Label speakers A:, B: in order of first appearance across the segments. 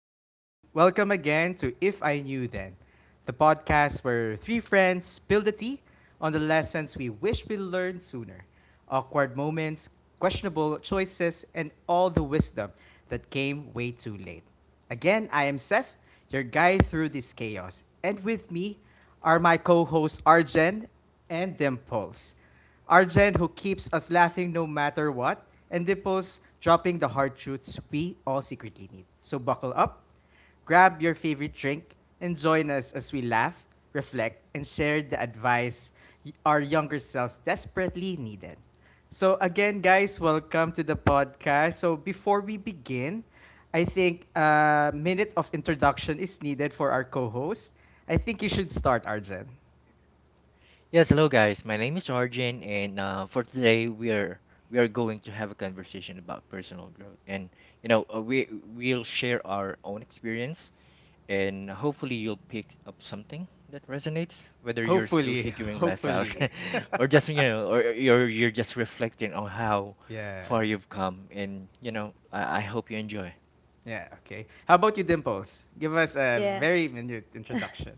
A: and welcome again to If I Knew Then, the podcast where three friends spill the tea on the lessons we wish we learned sooner, awkward moments, questionable choices, and all the wisdom that came way too late. Again, I am Seth, your guide through this chaos. And with me are my co hosts Arjen and Dimples. Arjen, who keeps us laughing no matter what, and Dimples, dropping the hard truths we all secretly need. So buckle up, grab your favorite drink, and join us as we laugh, reflect, and share the advice our younger selves desperately needed. So again, guys, welcome to the podcast. So before we begin, I think a minute of introduction is needed for our co-host. I think you should start, Arjen.
B: Yes, hello guys. My name is Arjun, and for today we are going to have a conversation about personal growth, and we'll share our own experience, and hopefully you'll pick up something that resonates, whether you're still
A: Hopefully,
B: figuring life out,
A: hopefully.
B: or just or you're just reflecting on how
A: Yeah.
B: far you've come, and I hope you enjoy.
A: Yeah, okay. How about you, Dimples? Give us a very
C: Yes.
A: minute introduction.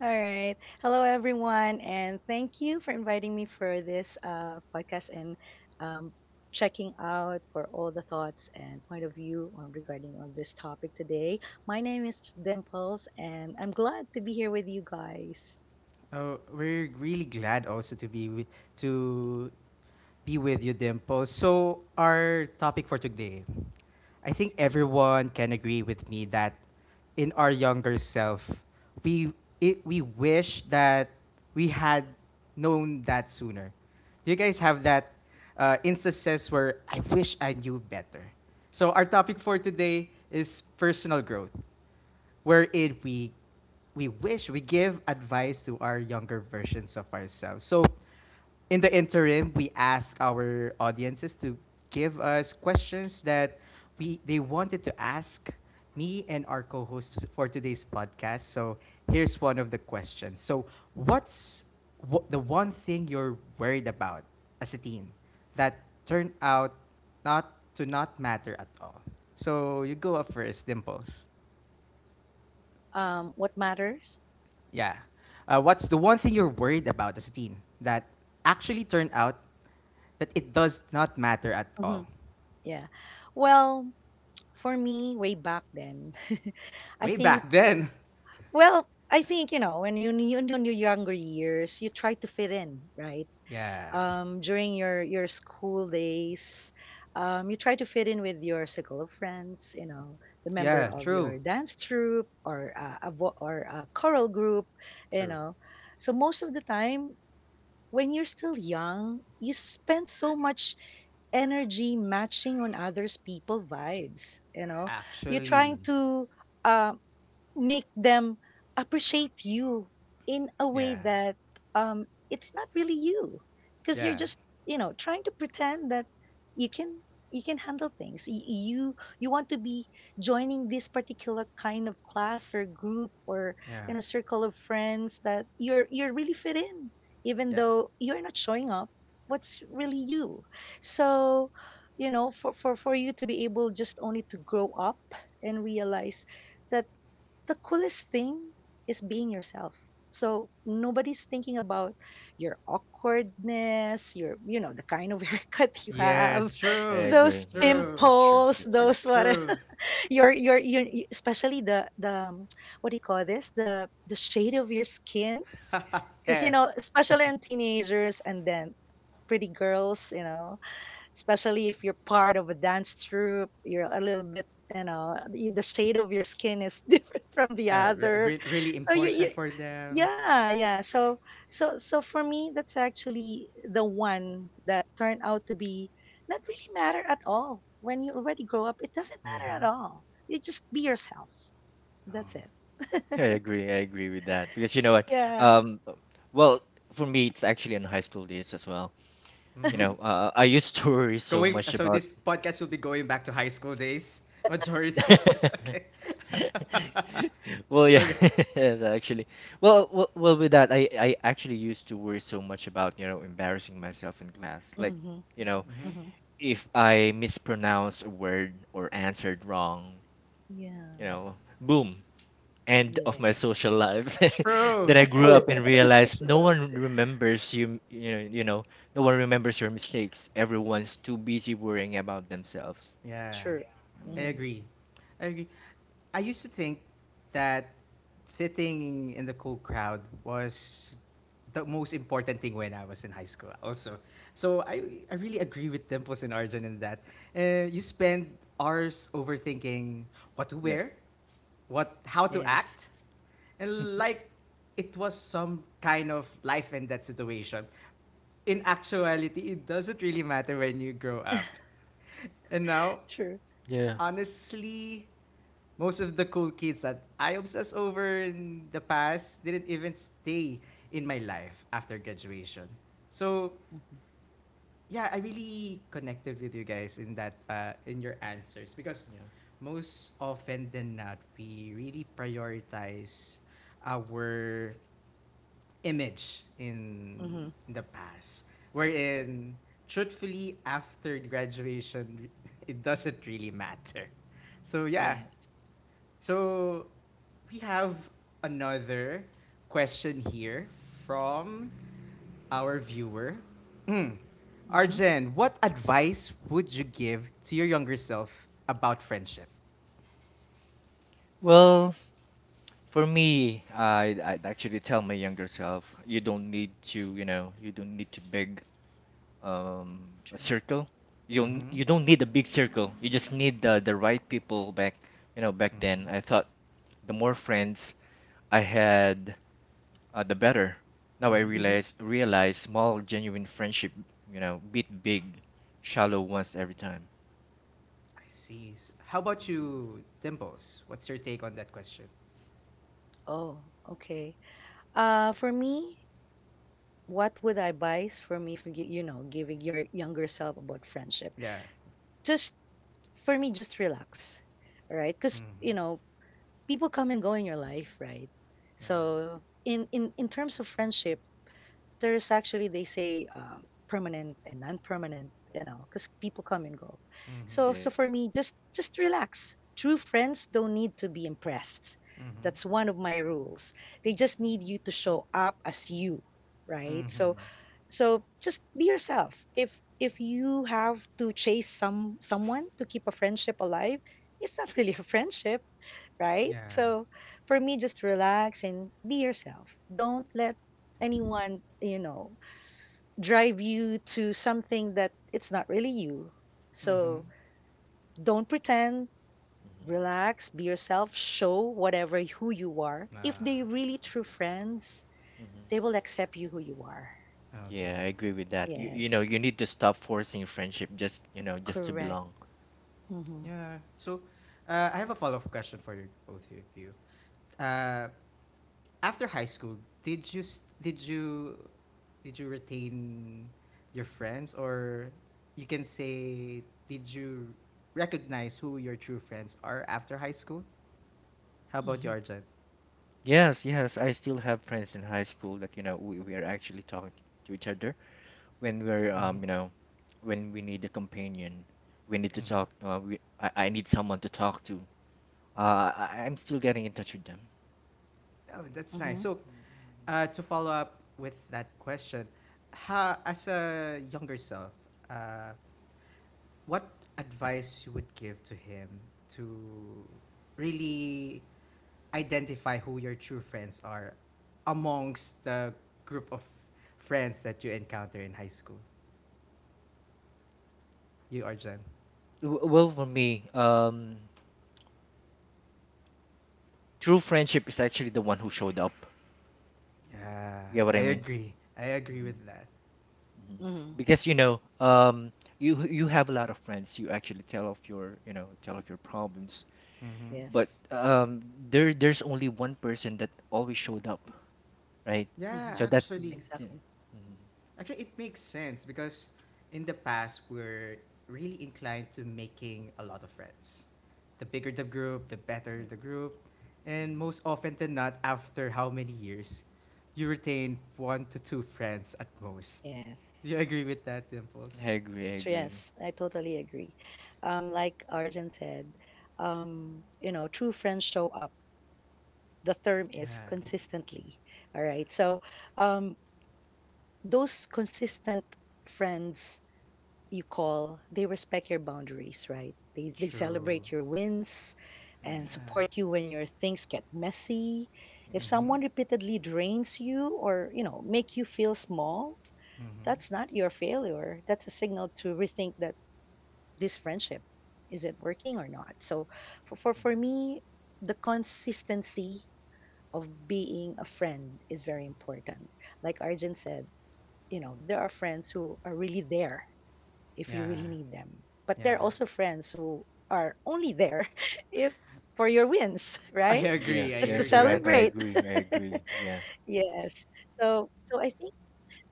C: All right. Hello, everyone, and thank you for inviting me for this podcast and um, checking out for all the thoughts and point of view on regarding on this topic today. My name is Dimples, and I'm glad to be here with you guys.
A: Oh, we're really glad also to be with, to you, Dimple. So our topic for today, I think everyone can agree with me that in our younger self, we we wish that we had known that sooner. Do you guys have that instances where I wish I knew better? So our topic for today is personal growth wherein we wish we give advice to our younger versions of ourselves. So in the interim, we ask our audiences to give us questions that we they wanted to ask me and our co-hosts for today's podcast. So here's one of the questions. So what's the one thing you're worried about as a teen that turned out not not matter at all? So you go up first, Dimples.
C: What matters?
A: Yeah. What's the one thing you're worried about as a teen that actually turned out that it does not matter at
C: Hmm.
A: all?
C: Yeah. Well, for me, way back then, I
A: Way
C: think.
A: back then.
C: Well, I think when you're younger years, you try to fit in, right?
A: Yeah.
C: During your school days, you try to fit in with your circle of friends, the member
A: Yeah,
C: of
A: true.
C: your dance troupe or a choral group, you
A: True.
C: know so most of the time when you're still young, you spend so much energy matching on others people vibes, you're
A: Actually.
C: trying to um make them appreciate you in a way
A: Yeah.
C: that, it's not really you, because you're
A: Yeah.
C: just, trying to pretend that you can you can handle things. You want to be joining this particular kind of class or group or,
A: Yeah.
C: circle of friends that you're really fit in even
A: Yeah.
C: though you're not showing up what's really you. So, for you to be able just only to grow up and realize that the coolest thing is being yourself. So nobody's thinking about your awkwardness, your, the kind of haircut you have,
A: Yes,
B: I
A: true.
C: those
B: agree. Yeah,
A: True.
B: that's true.
C: pimples,
B: That's true.
C: those what,
A: True.
C: especially the what do you call this, the shade of your skin, because
A: Yes.
C: especially in teenagers and then pretty girls, especially if you're part of a dance troupe, you're a little bit, the shade of your skin is different from the
A: Re-
C: other.
A: re- really
C: So you, you
A: important for them.
C: yeah, yeah. So for me, that's actually the one that turned out to be not really matter at all. When you already grow up, it doesn't matter at
A: Mm-hmm.
C: all. You just be yourself. That's
A: Oh.
C: it.
B: I agree. I agree with that because you know what?
C: Yeah.
B: Um, well, for me, it's actually in high school days as well. You
A: Mm-hmm.
B: know, I used to worry so
A: Going
B: much
A: so
B: about.
A: this podcast will be going back to high school days. Majority. Okay.
B: Well,
A: So
B: yeah,
A: okay.
B: yes, actually. Well, with that, I actually used to worry so much about, embarrassing myself in class. Like,
C: Mhm.
B: you know,
A: Mm-hmm.
C: Mhm.
B: if I mispronounce a word or answered wrong,
C: Yeah.
B: boom, end of my
C: Yes.
B: social life
A: True.
B: that I grew up. Oh, and realized no one remembers you, you know no one remembers your mistakes. Everyone's too busy worrying about themselves.
A: Yeah,
C: True.
A: I
B: um,
C: Mhm.
A: agree. I agree. I used to think that fitting in the cool crowd was the most important thing when I was in high school. Also, so I really agree with Dimples and Arjun in that. You spend hours overthinking what to
B: yeah,
A: wear, what how to
C: Yes.
A: act, and like it was some kind of life and death situation. In actuality, it doesn't really matter when you grow up. And now,
C: True.
B: yeah.
A: honestly, most of the cool kids that I obsessed over in the past didn't even stay in my life after graduation. So,
C: Mhm.
A: yeah, I really connected with you guys in that in your answers because
B: Yeah,
A: most often than not, we really prioritize our image in
C: Mhm.
A: the past wherein truthfully after graduation it doesn't really matter, so yeah.
C: Yes.
A: So we have another question here from our viewer. Hmm.
C: Mhm.
A: Arjen, what advice would you give to your younger self about friendship?
B: well, for me, I'd actually tell my younger self you don't need to, you don't need to big, a
C: True.
B: circle. you don't,
A: Mm-hmm.
B: you don't need a big circle. You just need the right people back. Back
A: Mm-hmm.
B: then I thought the more friends I had, the better. Now I
A: Mm-hmm.
C: Mhm.
B: realize small genuine friendship, beat big, shallow ones every time.
A: I see. How about
B: Mhm.
A: you, Dimples? What's your take on that question?
C: Oh, okay. Uh, for me, what would I advise for me for giving your younger self about friendship?
A: Yeah.
C: Just for me, just relax, all right? Because
A: Mhm.
C: people come and go in your life, right?
A: Yeah.
C: So in terms of friendship, there's actually they say, permanent and non-permanent, you know, because people come and go.
A: Mhm.
C: So
B: Yeah.
C: for me, just relax. True friends don't need to be impressed.
A: Mhm.
C: That's one of my rules. They just need you to show up as you, right?
A: Mhm.
C: So just be yourself. If you have to chase someone to keep a friendship alive, it's not really a friendship, right?
A: Yeah.
C: So for me, just relax and be yourself. Don't let anyone, drive you to something that it's not really you.
A: Mhm.
C: So don't pretend,
B: Hmm.
C: relax, be yourself, show whatever who you are. If
A: Ah.
C: they really true friends,
B: Hmm.
C: they will accept you who you are.
A: Okay.
B: Yeah, I agree with that. You, you know,
C: Yes,
B: you need to stop forcing friendship just to
C: correct.
B: belong.
C: Mhm.
A: Yeah. So, I have a follow-up question for you, both of you. Uh, after high school, did you retain your friends, or you can say, did you recognize who your true friends are after high school? How about you,
C: Mhm.
A: Arjan?
B: Yes, yes, I still have friends in high school that, we are actually talking to each other, when we're,
A: Mm-hmm.
B: um, you know, when we need a companion, we need to
A: Mm-hmm.
B: talk, I need someone to talk to. I'm still getting in touch with them.
A: Oh, that's nice.
C: Mhm.
A: So,
B: Mhm.
A: To follow up with that question, how, as a younger self, uh, what advice you would give to him to really identify who your true friends are amongst the group of friends that you encounter in high school? You, Arjan?
B: Well, for me, true friendship is actually the one who showed up.
A: Yeah,
B: You get what I
A: I
B: mean?
A: agree. I agree
B: Mhm,
A: with that.
B: mhm.
C: Mhm.
B: Because you have a lot of friends. You actually tell of your problems.
A: Mm-hmm.
B: But
C: Yes.
B: there's only one person that always showed up, right?
C: Mhm.
A: Yeah,
B: So that,
A: actually,
B: yeah,
C: Exactly.
B: mhm,
A: Actually, it makes sense because in the past, we're really inclined to making a lot of friends. The bigger the group, the better
B: yeah,
A: the group. And
B: mhm.
A: most often than not, after how many years, you retain one to two friends at most. Do
C: Yes.
A: you agree with that, Dimples?
B: I agree, I
C: So
B: agree.
C: yes, I totally agree. Like Arjun said, you know, true friends show up. The term is
A: Yeah,
C: consistently. All right. So, um, those consistent friends you call, they respect your boundaries, right? They
A: true.
C: celebrate your wins and
B: Mhm,
A: Yeah.
C: support you when your things get messy. If
B: mhm,
A: Mm-hmm.
C: someone repeatedly drains you or, you know, make you feel small,
A: Mm-hmm.
C: that's not your failure. That's a signal to rethink that this friendship, is it working or not. So for
B: mhm,
C: me, the consistency of being a friend is very important. Like Arjun said, you know, there are friends who are really there if you
A: Yeah.
C: really need them. But there
A: Yeah.
C: are also
B: mhm.
C: friends who are only there if for your wins,
A: I
C: right?
B: Yeah,
C: It's
A: agree.
C: just
A: I
C: to
B: yes, you're
A: agree
B: right.
A: with
B: I
C: celebrate.
A: that.
B: agree, I agree. Yeah,
C: Yes. So so I think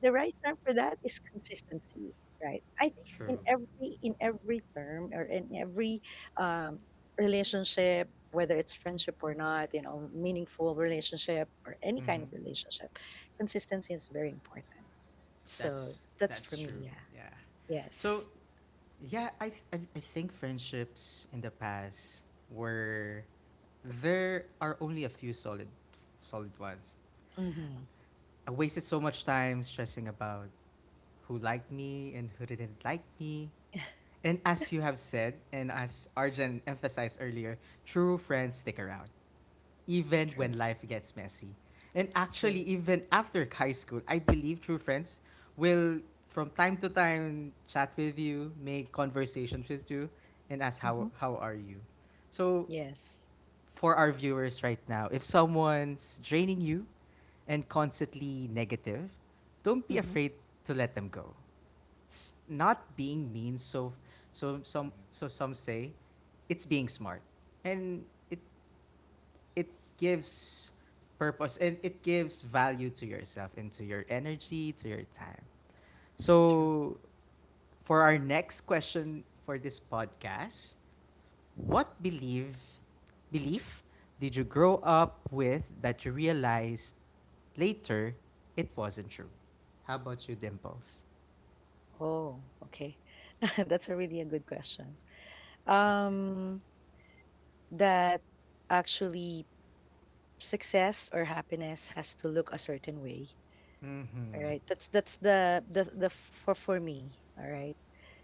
C: the right term for that is consistency, right? I think in
A: True.
C: every term or in every, um, relationship, whether it's friendship or not, you know, meaningful relationship or any kind of
A: Mm-hmm.
C: relationship, consistency is very important. So
A: That's
C: that's for
A: that's
C: me,
A: true.
C: yeah.
A: Yeah. So
C: Yes.
A: yeah, I, th- I think friendships in the past were there are only a few solid ones.
C: Hmm.
A: I wasted so much time stressing about who liked me and who didn't like me. And as you have said, and as Arjan emphasized earlier, true friends stick around even
B: yeah,
A: when
C: True,
A: life gets messy. And actually,
C: true.
A: even after high school, I believe true friends will, from time to time, chat with you, make conversations with you, and ask
C: Hmm.
A: how are you. So,
C: Yes.
A: for our viewers right now, if someone's draining you and constantly negative, don't be
C: Hmm.
A: afraid to let them go. It's not being mean. So, so some
B: mhm,
A: so some say, it's being smart, and it gives purpose and it gives value to yourself and to your energy, to your time.
C: True.
A: So, for our next question for this podcast, what belief did you grow up with that you realized later it wasn't true? How about you, Dimples?
C: Oh, okay. That's a really a good question.
A: Okay.
C: Um, that actually success or happiness has to look a certain way. All
A: Mm-hmm.
C: right. That's the the for me. All right.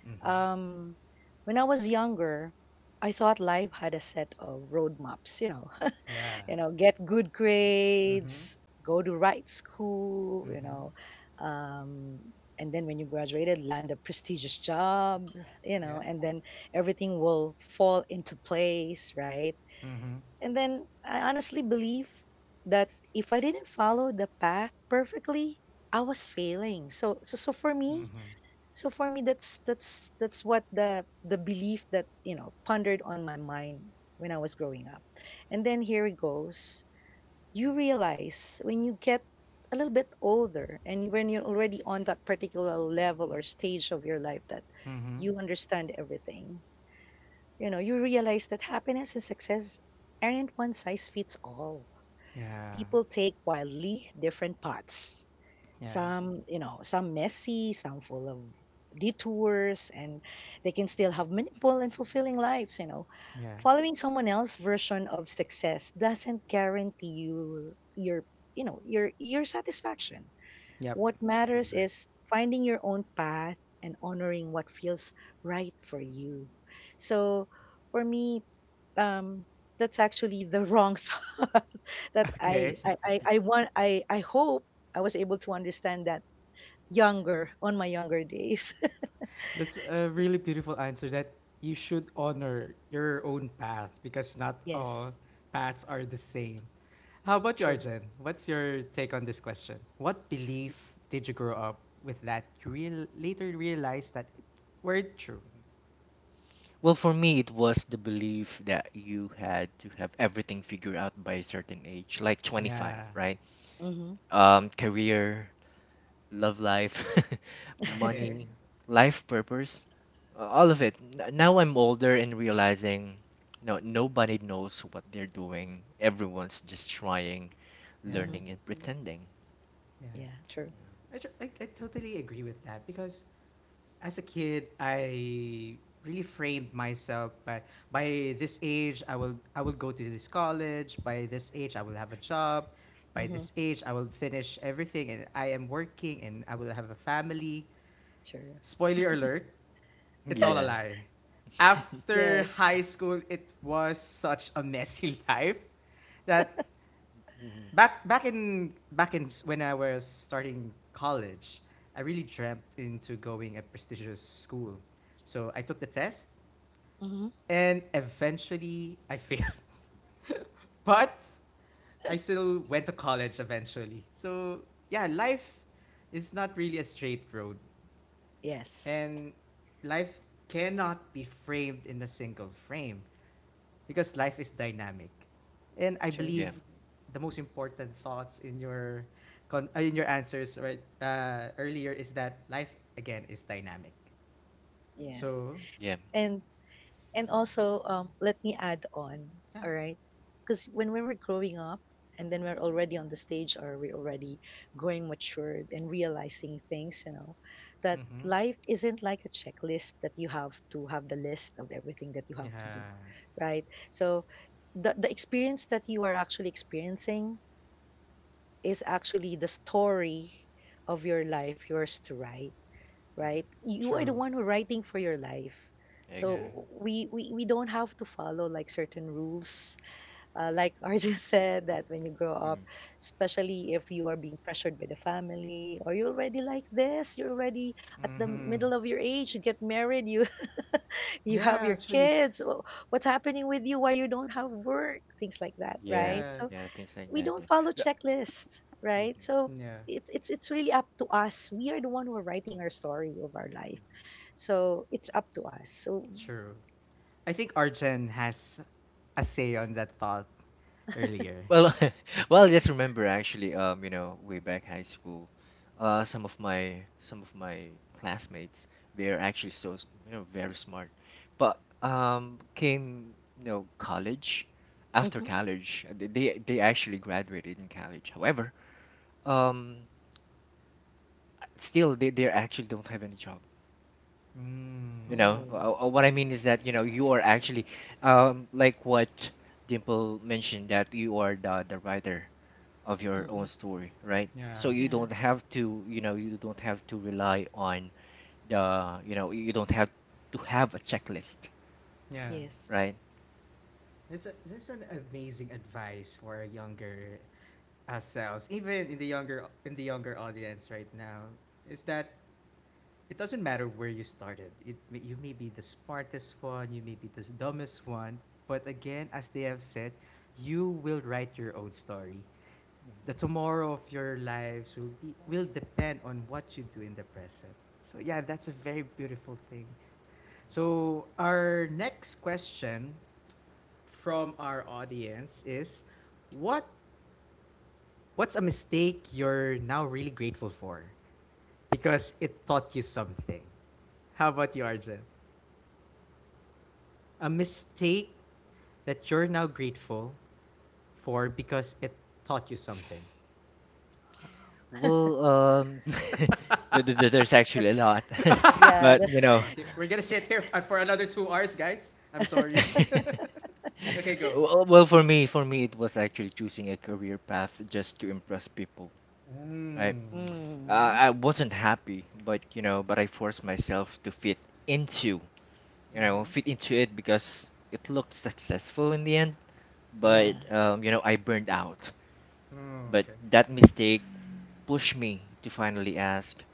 A: Mm-hmm.
C: Um, when I was younger, I thought life had a set of roadmaps.
A: Yeah.
C: You know, get good
A: Mm-hmm.
C: grades, go to right school, you
A: Mm-hmm.
C: know, um, and then when you graduated, land a prestigious job, you
A: Yeah.
C: know, and then everything will fall into place, right?
A: Mm-hmm.
C: And then I honestly believe that if I didn't follow the path perfectly, I was failing. So, for me,
A: Mm-hmm.
C: that's that's what the belief that you know pondered on my mind when I was growing up. And then here it goes, you realize when you get a little bit older and when you're already on that particular level or stage of your life, that
A: Mm-hmm.
C: you understand everything. You know, you realize that happiness and success aren't one size fits all.
A: Yeah.
C: People take wildly different paths,
A: Yeah,
C: some you know, some messy, some full of detours, and they can still have meaningful and fulfilling lives, you know,
A: yeah,
C: following someone else's version of success doesn't guarantee you your, you know, your satisfaction.
A: yep.
C: What
B: I
C: matters
B: agree.
C: is finding your own path and honoring what feels right for you. So for me, um, that's actually the wrong thought that
A: Okay,
C: I want, I hope I was able to understand that younger on my younger days.
A: that's a really beautiful answer that you should honor your own path because not all
C: Yes,
A: paths are the same. How about you,
C: true.
A: Arjen? What's your take on this question? What belief did you grow
B: Mhm,
A: up with that you real later realized that it weren't true?
B: mhm. Well, for me, it was the belief that you had to have everything figured out by a certain age, like 25,
A: Yeah.
B: right?
C: Mm-hmm.
B: Career, love life,
A: Okay.
B: money, life purpose, all of it. Now I'm older and realizing, no, nobody knows what they're doing. Everyone's just trying,
A: Yeah.
C: Mm-hmm.
B: learning, and pretending.
A: Yeah.
C: Yeah, true.
A: I totally agree with that because as a kid, I really framed myself by this age I will go to this college. By this age I will have a job. By
C: Mm-hmm.
A: this age I will finish everything and I am working and I will have a family.
C: True.
A: Spoiler alert, it's all a
B: Yeah.
A: lie. After
C: Yes.
A: high school, it was such a messy life that
B: Mhm.
A: when I was starting college, I really dreamt into going a prestigious school. So I took the test
C: Mm-hmm.
A: and eventually I failed. But I still went to college eventually. So yeah, life is not really a straight road
C: Yes.
A: and life cannot be framed in a single frame, because life is dynamic. And I
C: True.
A: believe
B: Yeah.
A: the most important thoughts in your answers right earlier is that life again is dynamic.
C: Yes.
A: So
B: Yeah.
C: And, also, let me add on,
A: yeah.
C: all right? Because when we were growing up, and then we're already on the stage, or we're already growing matured and realizing things, you know, that
A: Mm-hmm.
C: life isn't like a checklist that you have to have the list of everything that you have to do,
A: Yeah,
C: right? So the experience that you are actually experiencing is actually the story of your life, yours to write,
B: Hmm.
C: right? You are the
A: true,
C: one who writing for your life.
B: I
A: yeah.
B: agree.
C: So we don't have to follow like certain rules. Like Arjun said, that when you grow up,
B: Mm.
C: especially if you are being pressured by the family, or you're already like this, you're already at the
A: Mm-hmm.
C: middle of your age, you get married, you, you have
A: Yeah.
C: your
A: Actually,
C: kids, what's happening with you, why you don't have work, things like that,
B: Yeah.
C: right?
A: yeah,
C: So
B: Yeah. Things like
C: we
B: that.
C: don't
B: Yeah.
C: follow
B: Yeah.
C: checklists, right?
B: Mhm.
C: So
A: yeah,
C: it's it's really up to us. We are the one who are
B: Mm.
C: writing our story of our life. So it's up to us. So
A: true. I think Arjen has a say on that thought earlier.
B: Well, well, just remember actually, way back high school, some of my classmates, they are actually so very smart, but came, college, after
C: hmm.
B: college, they actually graduated in college. However, um, still they actually don't have any job.
A: Mm,
B: You know,
C: Oh,
B: what I mean is that you are actually, like what Dimple mentioned, that you are the writer of your own
C: mm-mm.
B: story, right?
A: yeah,
B: So you
C: Yeah,
B: don't have to, rely on, you don't have to have a checklist,
A: yeah.
C: yes,
B: right?
A: That's an amazing advice for a younger ourselves, even in the younger audience right now, is that it doesn't matter where you started. You may be the smartest one, you may be the dumbest one, but again, as they have said, you will write your own story. The tomorrow of your lives will depend on what you do in the present. So yeah, that's a very beautiful thing. So our next question from our audience is what what's a mistake you're now really grateful for? Because it taught you something. How about you, Arjun? A mistake that you're now grateful for because it taught you something.
C: wow.
B: Well, there's actually a
C: That's
B: lot,
C: yeah,
B: but
C: the,
A: Okay, we're gonna sit here for another 2 hours, guys. I'm sorry. Okay, go.
B: well, well, for me, it was actually choosing a career path just to impress people, right?
A: Mm.
B: Uh,
C: mm,
B: I wasn't happy, but I forced myself to fit into, you know,
A: Mm-hmm.
B: fit into it because it looked successful in the end,
A: Mm-hmm.
C: yeah,
B: but I burned out.
A: Oh,
B: But
A: okay.
B: that mistake pushed me to finally ask,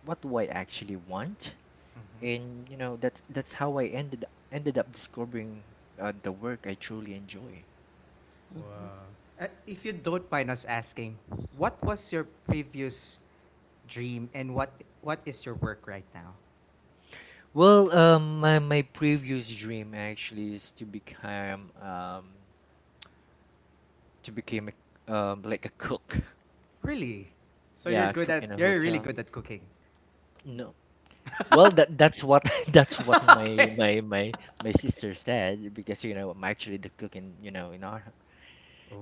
B: what do I actually want?
A: Mm-hmm.
B: And that's how I ended up discovering, the work I truly enjoy.
C: hmm.
A: Wow. If you don't mind us asking, what was your previous dream and what is your work right now?
B: Well, my previous dream actually is to become, to become like a cook.
A: Really? So
B: Yeah, cook in a
A: you're really
B: hotel.
A: good at cooking.
B: No. Well, that's what that's what my
A: Okay.
B: my my my sister said, because I'm actually the cook in you know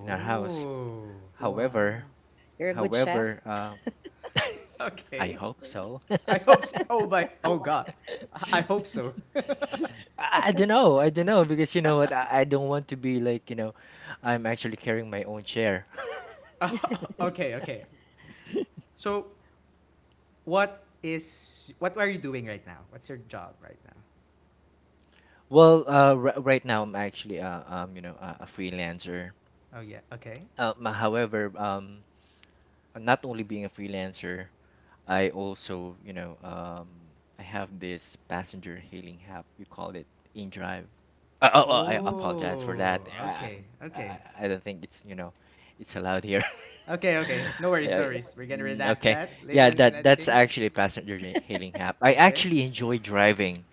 B: in our house. However,
C: Wow. You're a good chef.
B: however, um, I
A: Okay.
B: hope so. I,
A: I hope s Oh my. Oh God. I hope so.
B: don't know. I don't know, because you know what? I don't want to be like, I'm actually carrying my own chair.
A: Okay. Okay. So what are you doing right now? What's your job right now?
B: Well, r right now I'm actually, a freelancer.
A: Oh yeah. Okay.
B: However, not only being a freelancer, I also, you know, I have this passenger hailing app. You call it InDrive. Oh, I
C: Mm-hmm.
B: apologize for
A: Oh.
B: that. I,
A: Okay.
B: I,
A: Okay.
B: I I don't think it's allowed here.
A: Okay. Okay. No worries.
B: Yeah,
A: No worries. We're gonna
B: mm,
A: redact
B: okay.
A: that later
B: Yeah,
A: in
B: that's
A: editing.
B: actually a passenger hailing app. I
A: Okay.
B: actually enjoy driving.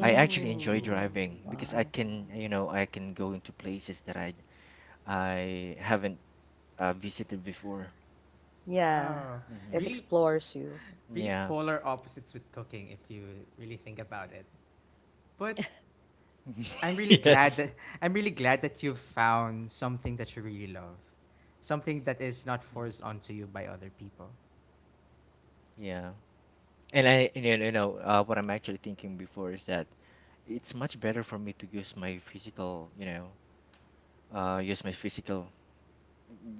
B: I actually enjoy driving because I
C: Wow.
B: can, you know, I can go into places that I haven't, visited before.
C: Yeah,
A: Wow.
C: it
B: Hmm.
A: Really,
C: explores you.
A: really
B: Yeah.
A: polar opposites with cooking if you really think about it. But I'm really glad
B: Yes.
A: that I'm really glad that you've found something that you really love. Something that is not
B: Mm.
A: forced onto you by other people.
B: Yeah. And I, and you know, what I'm actually thinking before is that it's much better for me to use my physical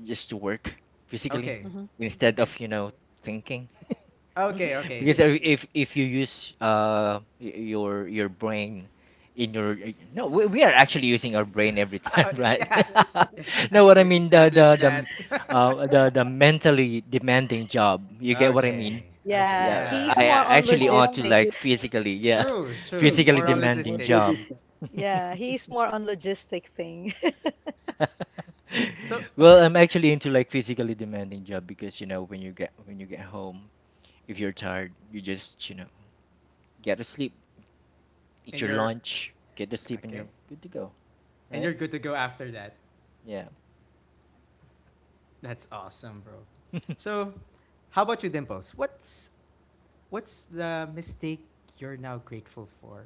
B: just to work physically,
A: Okay.
C: Mm-hmm.
B: instead
A: Okay.
B: of, thinking.
C: Mm-hmm.
A: Okay, okay.
B: Because if you use, your brain. In your No, we are actually using our brain every time,
A: Oh,
B: right?
A: yeah. Yeah. I
B: No, what
A: think
B: I
A: we
B: mean, the the
A: established
B: the
A: that.
B: uh the the mentally demanding job. You get what I mean?
A: Okay. Okay.
C: Yeah,
A: Yeah,
B: Yeah,
C: he's
B: I
A: yeah.
C: more
B: I
C: on
B: actually, oh, ought to
C: logistics.
B: like physically, yeah,
A: True,
B: same,
A: true.
B: physically
A: More
B: same.
A: on
B: Demanding. What is job.
A: logistics.
C: Yeah, he's more on logistic thing.
A: So
B: Well, I'm actually into like physically demanding job, because when you get home, if you're tired, you just, get to sleep, eat
A: and
B: your
A: you're
B: lunch, get to sleep, and
A: okay.
B: you're good to go,
A: And
B: right?
A: you're good to go after that.
B: Yeah.
A: That's awesome, bro.
B: Mhm,
A: So, how about you, Dimples? What's the mistake you're now grateful for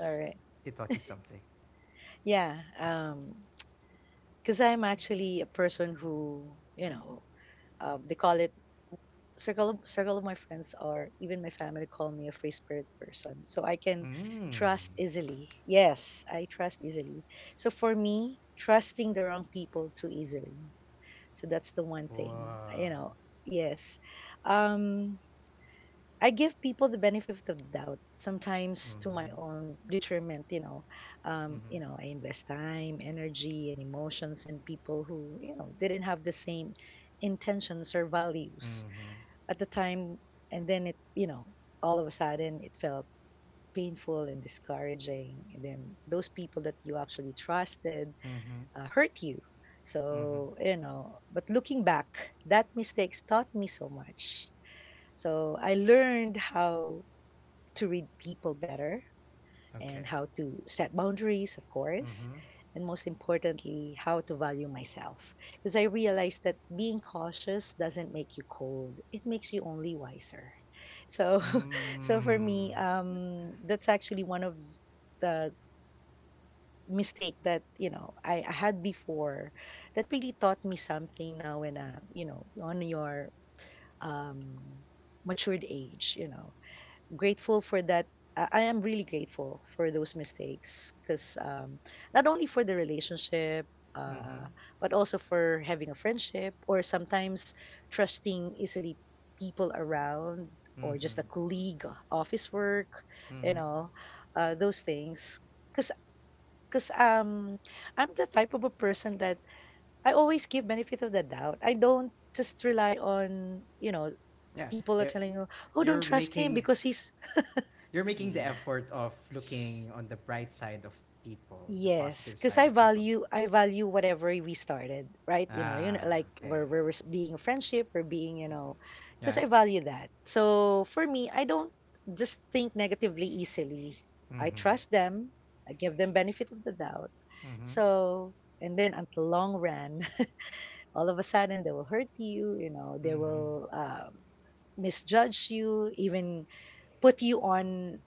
C: All right.
A: it taught you something?
C: Yeah. Because I'm actually a person who, you know, they call it circle of my friends, or even my family call me a free spirit person. So I can
A: Mm.
C: trust easily. Yes, I trust easily. So for me, trusting the wrong people too easily. So that's the one thing, you
A: Wow.
C: know. Yes. Um, I give people the benefit of the doubt, sometimes to
A: Mm-hmm.
C: my own detriment, you know.
A: Mm-hmm.
C: You know, I invest time, energy, and emotions in people who, you know, didn't have the same intentions or values
A: Mm-hmm.
C: at the time. And then it, you know, all of a sudden it felt painful and discouraging. And then those people that you actually trusted,
A: Mm-hmm.
C: hurt you.
A: Mm-hmm.
C: So, you know, but looking back, that mistakes taught me so much. So I learned how to read people better and
A: Okay.
C: how to set boundaries, of course,
A: Mm-hmm.
C: and most importantly, how to value myself. Because I realized that being cautious doesn't make you cold, it makes you only wiser. So, so for
A: Mm.
C: me, that's actually one of the mistake that you know I had before that really taught me something now in a you know on your, um matured age, you know, grateful for that. I am really grateful for those mistakes because, not only for the relationship,
A: Mm-hmm.
C: uh, but also for having a friendship, or sometimes trusting easily people around, or just
A: Mm-hmm.
C: a colleague, office work, you
A: Mm-hmm.
C: know, those things. Because because um, I'm the type of a person that I always give benefit of the doubt. I don't just rely on you know
A: Yeah,
C: people are
A: eh,
C: telling you, oh, don't
A: you're
C: trust him
A: making
C: because he's
A: you're making the
B: mhm,
A: effort of looking on the bright side of people, the
C: Yes,
A: positive
C: because
A: side of people.
C: I value whatever we started, right? You know,
A: Ah,
C: like
A: okay.
C: being friendship, we're being, you
B: mhm,
C: know, because
A: Yeah.
C: I value that. So for me, I don't just think negatively easily. I
A: Mhm.
C: trust them. I give them benefit of the doubt.
A: Mhm.
C: So and then at the long run, all of a sudden they will hurt you. You know, they
A: Mhm.
C: will misjudge you, even put you on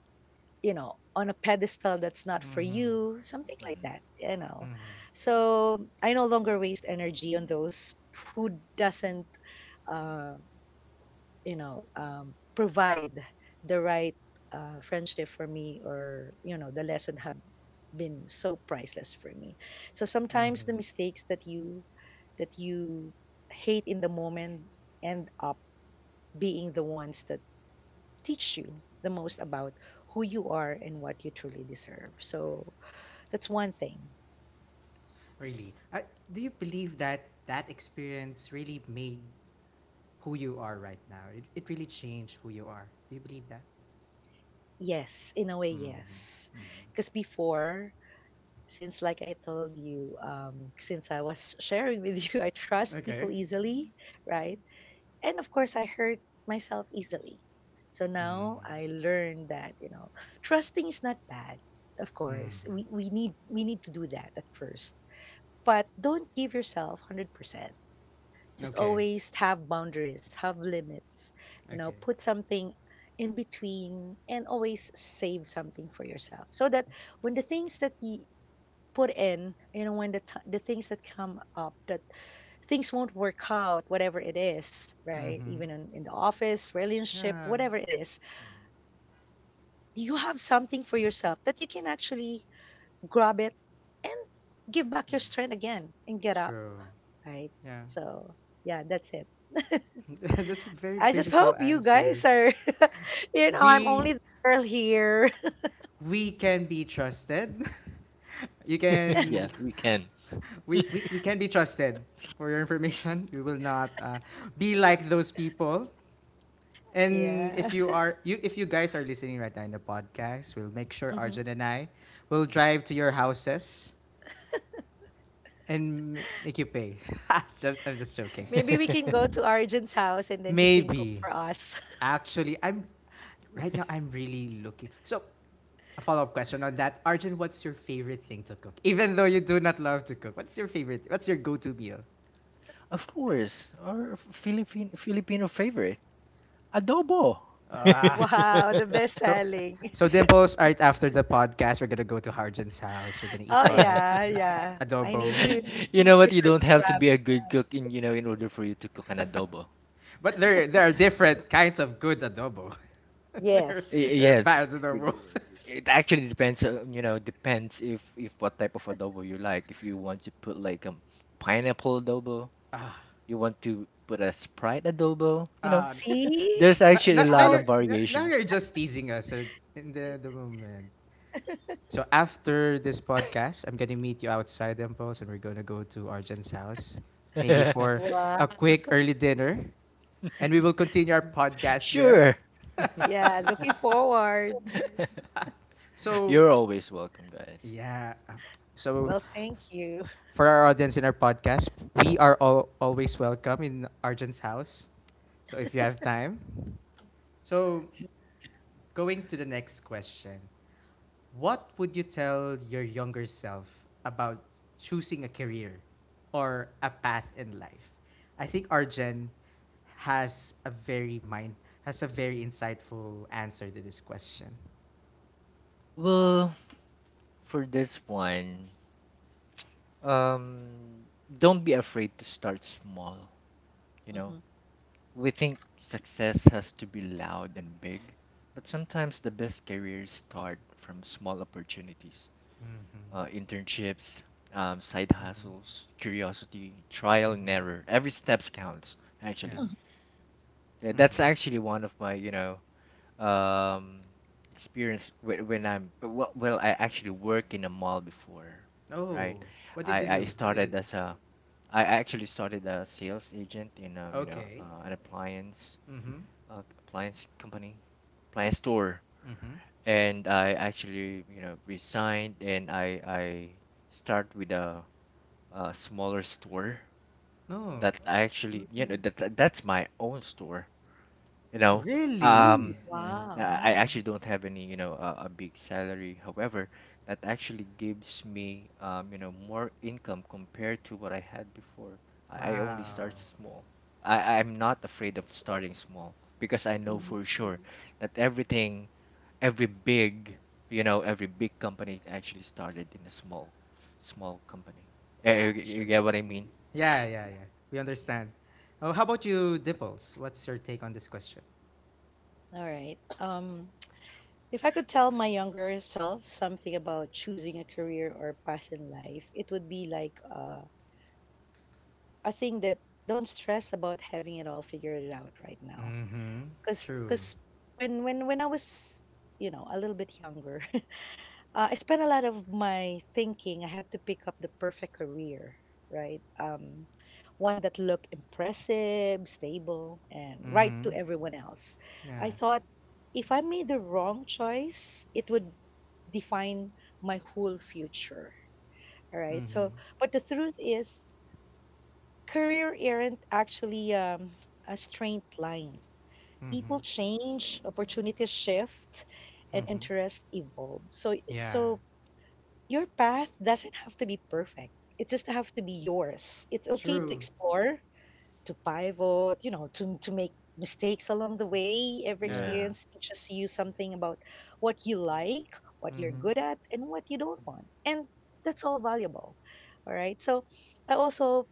C: you know on a pedestal that's not for
A: Mhm.
C: you something like
B: mhm,
C: that you know
A: Mhm.
C: so I no longer waste energy on those who doesn't uh, provide the right friendship for me or you know the lesson have been so priceless for me so sometimes
A: Mhm.
C: the mistakes that you hate in the moment end up being the ones that teach you the most
B: mhm,
C: about who you are and what you truly deserve. So that's one thing.
A: Really. Do you believe that that experience really made who you are right now? It really changed who you are. Do you believe that?
C: Yes, in a way,
A: Mhm.
C: yes.
A: Mhm.
C: Because before, since like I told you, since I was sharing with you, I trust
A: Okay.
C: people easily, right? And of course, I hurt myself easily. So
A: Mhm.
C: now I learned that you know, trusting is not bad. Of
A: Mhm.
C: course, we need to do that at first, but don't give yourself 100% just
A: Okay.
C: always have boundaries, have limits, you know,
A: Okay.
C: put something in between and always save something for yourself so that when the things that you put in, you know, when the the things that come up that things won't work out, whatever it is, right?
A: Mhm.
C: Even in the office, relationship,
A: Yeah.
C: whatever it is,
B: mhm.
C: you have something for yourself that you can actually grab it and give back your
B: Mhm.
C: strength again and get up,
A: True.
C: right?
A: Yeah.
C: So, yeah, that's it.
A: That's a very
C: I just
A: beautiful
C: hope you
A: answer.
C: guys are, you know, I'm
A: We
C: only the girl here.
A: we can be trusted. You
B: Yeah,
A: can
B: we can.
A: we can be trusted. For your information, we will not be like those people. And
C: Yeah.
A: if you guys are listening right now in the podcast, we'll make sure
C: Hmm.
A: Arjun and I will
B: Mhm.
A: drive to your houses and make you pay. I'm just joking.
C: Maybe we can go to Arjun's house and then he can cook
A: Maybe.
C: for us.
A: Actually, I'm right now I'm really looking. So a follow-up question on that. Arjun, what's your favorite thing to cook? Even though you do not love to cook, what's your favorite? What's your go-to meal?
B: Of course, our Philippine Filipino favorite. Adobo.
A: Ah,
C: Wow, the best
A: so,
C: selling.
A: so Dimples, right after the podcast, we're gonna go to Arjun's house. We're gonna eat
C: Oh,
A: our
C: yeah, yeah. I need
A: adobo,
C: to
B: You know what? You
C: reserve
B: don't
C: a
B: have to
C: grab.
B: be a good cook in order for you to cook an adobo.
A: but there are different kinds of good adobo. there
C: Yes.
B: Y-
A: there are
B: yes,
A: bad
B: it,
A: adobo.
B: it actually depends. You know, depends if what type of adobo you like. If you want to put like, pineapple adobo,
A: ah,
B: you want to put a Sprite adobo. You know,
A: ah,
C: See
B: there's actually a
A: now, now,
B: lot
C: how?
B: of
A: you're now now
B: variations.
A: you're just teasing us in the moment. So after this podcast, I'm gonna meet you outside Impulse and we're gonna go to Arjun's house, maybe for
C: Wow.
A: a quick early dinner, and we will continue our podcast there.
B: Sure.
C: Yeah, looking forward.
A: so
B: You're always welcome, guys.
A: yeah, so
C: Well, thank you.
A: for our audience in our podcast, we are all always welcome in Arjun's house. So if you have time, so going to the next question. What would you tell your younger self about choosing a career or a path in life? I think Arjen has a very mind has a very insightful answer to this question.
B: Well, for this one. Um, don't be afraid to start small. You know,
C: Mhm.
B: we think success has to be loud and big, but sometimes the best careers start from small opportunities,
A: Mm-hmm.
B: internships, side
A: Mm-hmm.
B: hustles, curiosity, trial and
A: Mm-hmm.
B: error. Every steps counts,
A: Yeah.
B: actually. Yeah, that's
A: Mm-hmm.
B: actually one of my, um, experience, whe- when I'm well, well, I actually work in a mall before, right?
A: Oh, what
B: I,
A: did you
B: I
A: do? What did you
B: started
A: do?
B: as a, I actually started a sales agent in a you know
A: Okay.
B: an
A: Mm-hmm.
B: uh, appliance company, appliance store,
A: Mm-hmm.
B: and I actually resigned, and I start with a smaller store
A: No,
B: that I actually you know
C: Mhm.
B: that that- that's my own store. you know Mm.
A: really?
B: um mm, mm,
C: Wow.
B: i I actually don't have any, you know a big salary, however that actually gives me, more income compared to what I had before. I only
A: Wow.
B: start small. I'm not afraid of starting small, because I know
C: Mhm.
B: for sure, that everything every big you know every big company actually started in a small company. You get
A: Actually.
B: what I mean?
A: Yeah, yeah, yeah. We understand. Oh, how about you, Dimples? What's your take on this question?
C: All right. If I could tell my younger self something about choosing a career or path in life, it would be like a thing that don't stress about having it all figured out right now.
A: Mm-hmm.
C: Cause,
A: True.
C: cause when when I was you know a little bit younger, I spent a lot of my thinking. I had to pick up the perfect career, right? One that looked impressive, stable, and right
A: Mm-hmm.
C: to everyone else.
A: Yeah.
C: I thought if I made the wrong choice, it would define my whole future. All right.
A: Mm-hmm.
C: So, but the truth is, career aren't actually a straight lines.
A: Mm-hmm.
C: People change, opportunities shift, and
A: Mm-hmm.
C: interests evolve. So,
A: Yeah.
C: so your path doesn't have to be perfect. It just have to be yours. It's okay to
A: True.
C: explore, to pivot, you know, to make mistakes along the way. Every
A: Yeah.
B: Yeah,
C: experience teaches you something about what you like, what you're
A: Mm-hmm.
C: good at, and what you don't want. And that's all valuable. All right. So I also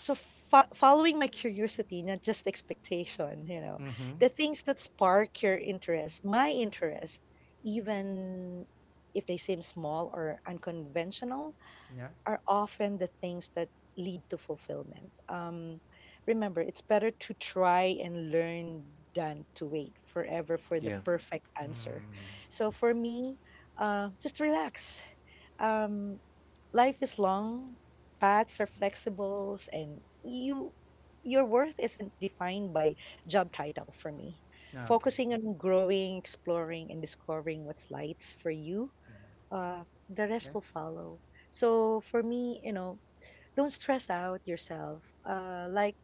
C: so following my curiosity not just expectation you know
A: Mm-hmm.
C: the things that spark your interest my interest even if they seem small or unconventional
A: Yeah.
C: are often the things that lead to fulfillment remember it's better to try and learn than to wait forever for the
B: yeah.
C: perfect answer
A: Mm.
C: so for me just relax um, life is long, paths are
B: Hmm.
C: flexible, and your worth isn't defined by job title for me.
B: Yep.
A: Okay.
C: Focusing on growing, exploring, and discovering what's lights for you,
B: Hmm.
C: uh, the
A: Yeah.
C: rest will follow. So for me, you know, don't stress out yourself. Like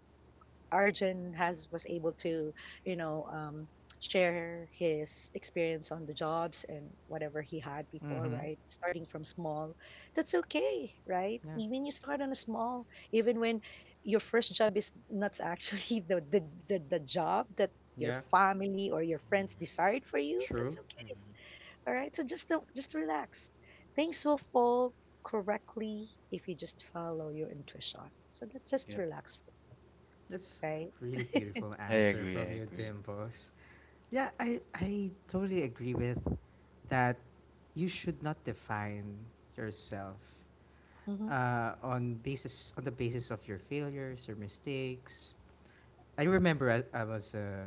C: Arjun has was able to, you know, share his experience on the jobs and whatever he had before,
A: Mm-hmm.
C: right? Starting from small, that's okay, right?
A: Yeah.
C: Even you start on a small, even when your first job is not actually the job that your
A: Yeah.
C: family or your friends desired for you, that's
A: True.
C: okay. All right, so just don't, just relax. Things will fall correctly if you just follow your intuition. So that's just
B: Hmm.
C: relax,
A: That's
C: right?
A: really beautiful
B: I
A: answer
B: agree.
A: from
B: I
A: you,
B: agree.
A: Dimples. Yeah, I totally agree with that. You should not define yourself
C: Mm-hmm.
B: Mhm.
A: on the basis of your failures or mistakes. I remember I was a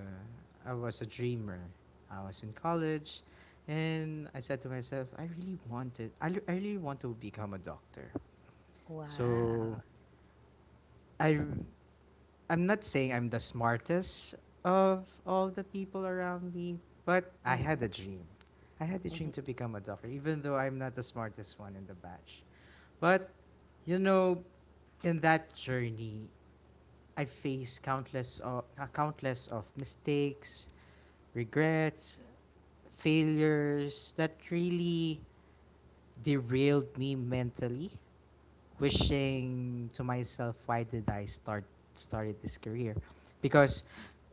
A: I was a dreamer. I was in college, and I said to myself, I really want to become a doctor. So
C: Wow.
A: I I'm not saying I'm the smartest of all the people around me, but I had
C: Mm-hmm.
A: a dream. I had a
C: Mm-hmm.
A: dream to become a doctor, even though I'm not the smartest one in the batch. But, you know, in that journey, I faced countless of mistakes, regrets, failures that really derailed me mentally wishing to myself, why did I started this career? Because,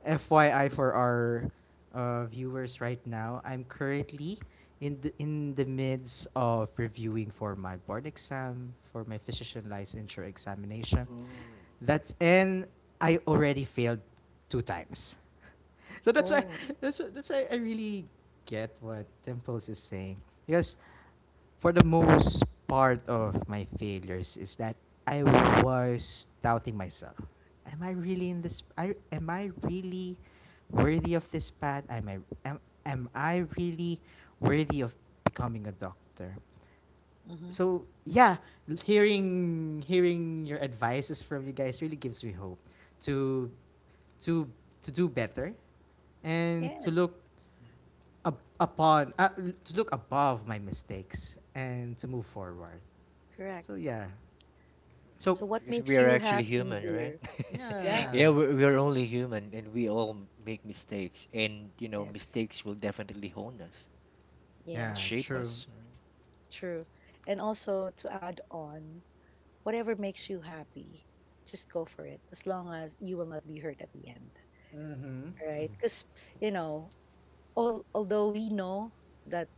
A: FYI for our viewers right now, I'm currently in the midst of reviewing for my board exam for my physician licensure examination,
B: Oh,
A: that's
B: that's great.
A: and I already failed 2 times. So that's why
C: Oh.
A: that's why I really get what
B: Hmm.
A: Dimples is saying. Because for the most part of my failures is that I was doubting myself. Am I really worthy of this path? Am I really worthy of becoming a doctor?
C: Mm-hmm.
A: So yeah, hearing your advices from you guys really gives me hope to to to do better and to
C: Yes,
A: upon to look above my mistakes and to move forward.
C: correct.
A: So yeah. So
C: So what
B: Because we
C: makes
B: are
C: you
B: actually
C: happy,
B: human, right?
C: dear? Yeah.
A: yeah,
B: Yeah, we're only human, and we all make mistakes. And, you know,
C: Yes.
B: mistakes will definitely hone us, and
A: yeah,
C: Yes.
B: shape
A: true.
B: us, right?
C: True. And also to add on, whatever makes you happy, just go for it. As long as you will not be hurt at the end,
A: Mhm.
C: right?
A: Mhm.
C: Because you know, all although we know that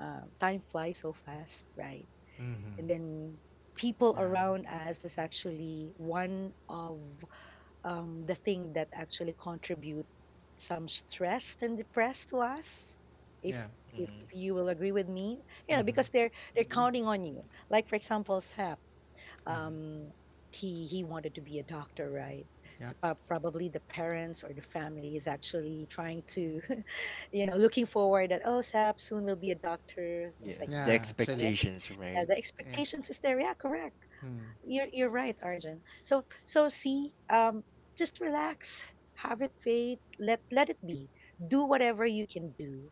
C: time flies so fast, right?
A: Mhm.
C: And then people
A: Yeah.
C: around us is actually one of the thing that actually contribute some stressed and depressed to us
A: Yeah.
C: if if
B: Mm-hmm.
C: you will agree with me you know
A: Mhm.
C: because
B: I
C: they're
B: agree.
C: counting on you like for example sap
A: Mhm.
C: um he wanted to be a doctor right
A: Yeah.
C: so probably the parents or the family is actually trying to you know looking forward that oh sap soon will be a doctor things
B: Yeah,
C: like
B: the
C: that
A: Yeah,
C: right?
A: actually.
B: expectations,
C: Yeah,
B: right?
C: the
A: Yeah.
C: expectations is there yeah correct
A: Hmm.
C: you're right, Arjun. So so see, just relax, have it faith, let let it be. Do whatever you can do,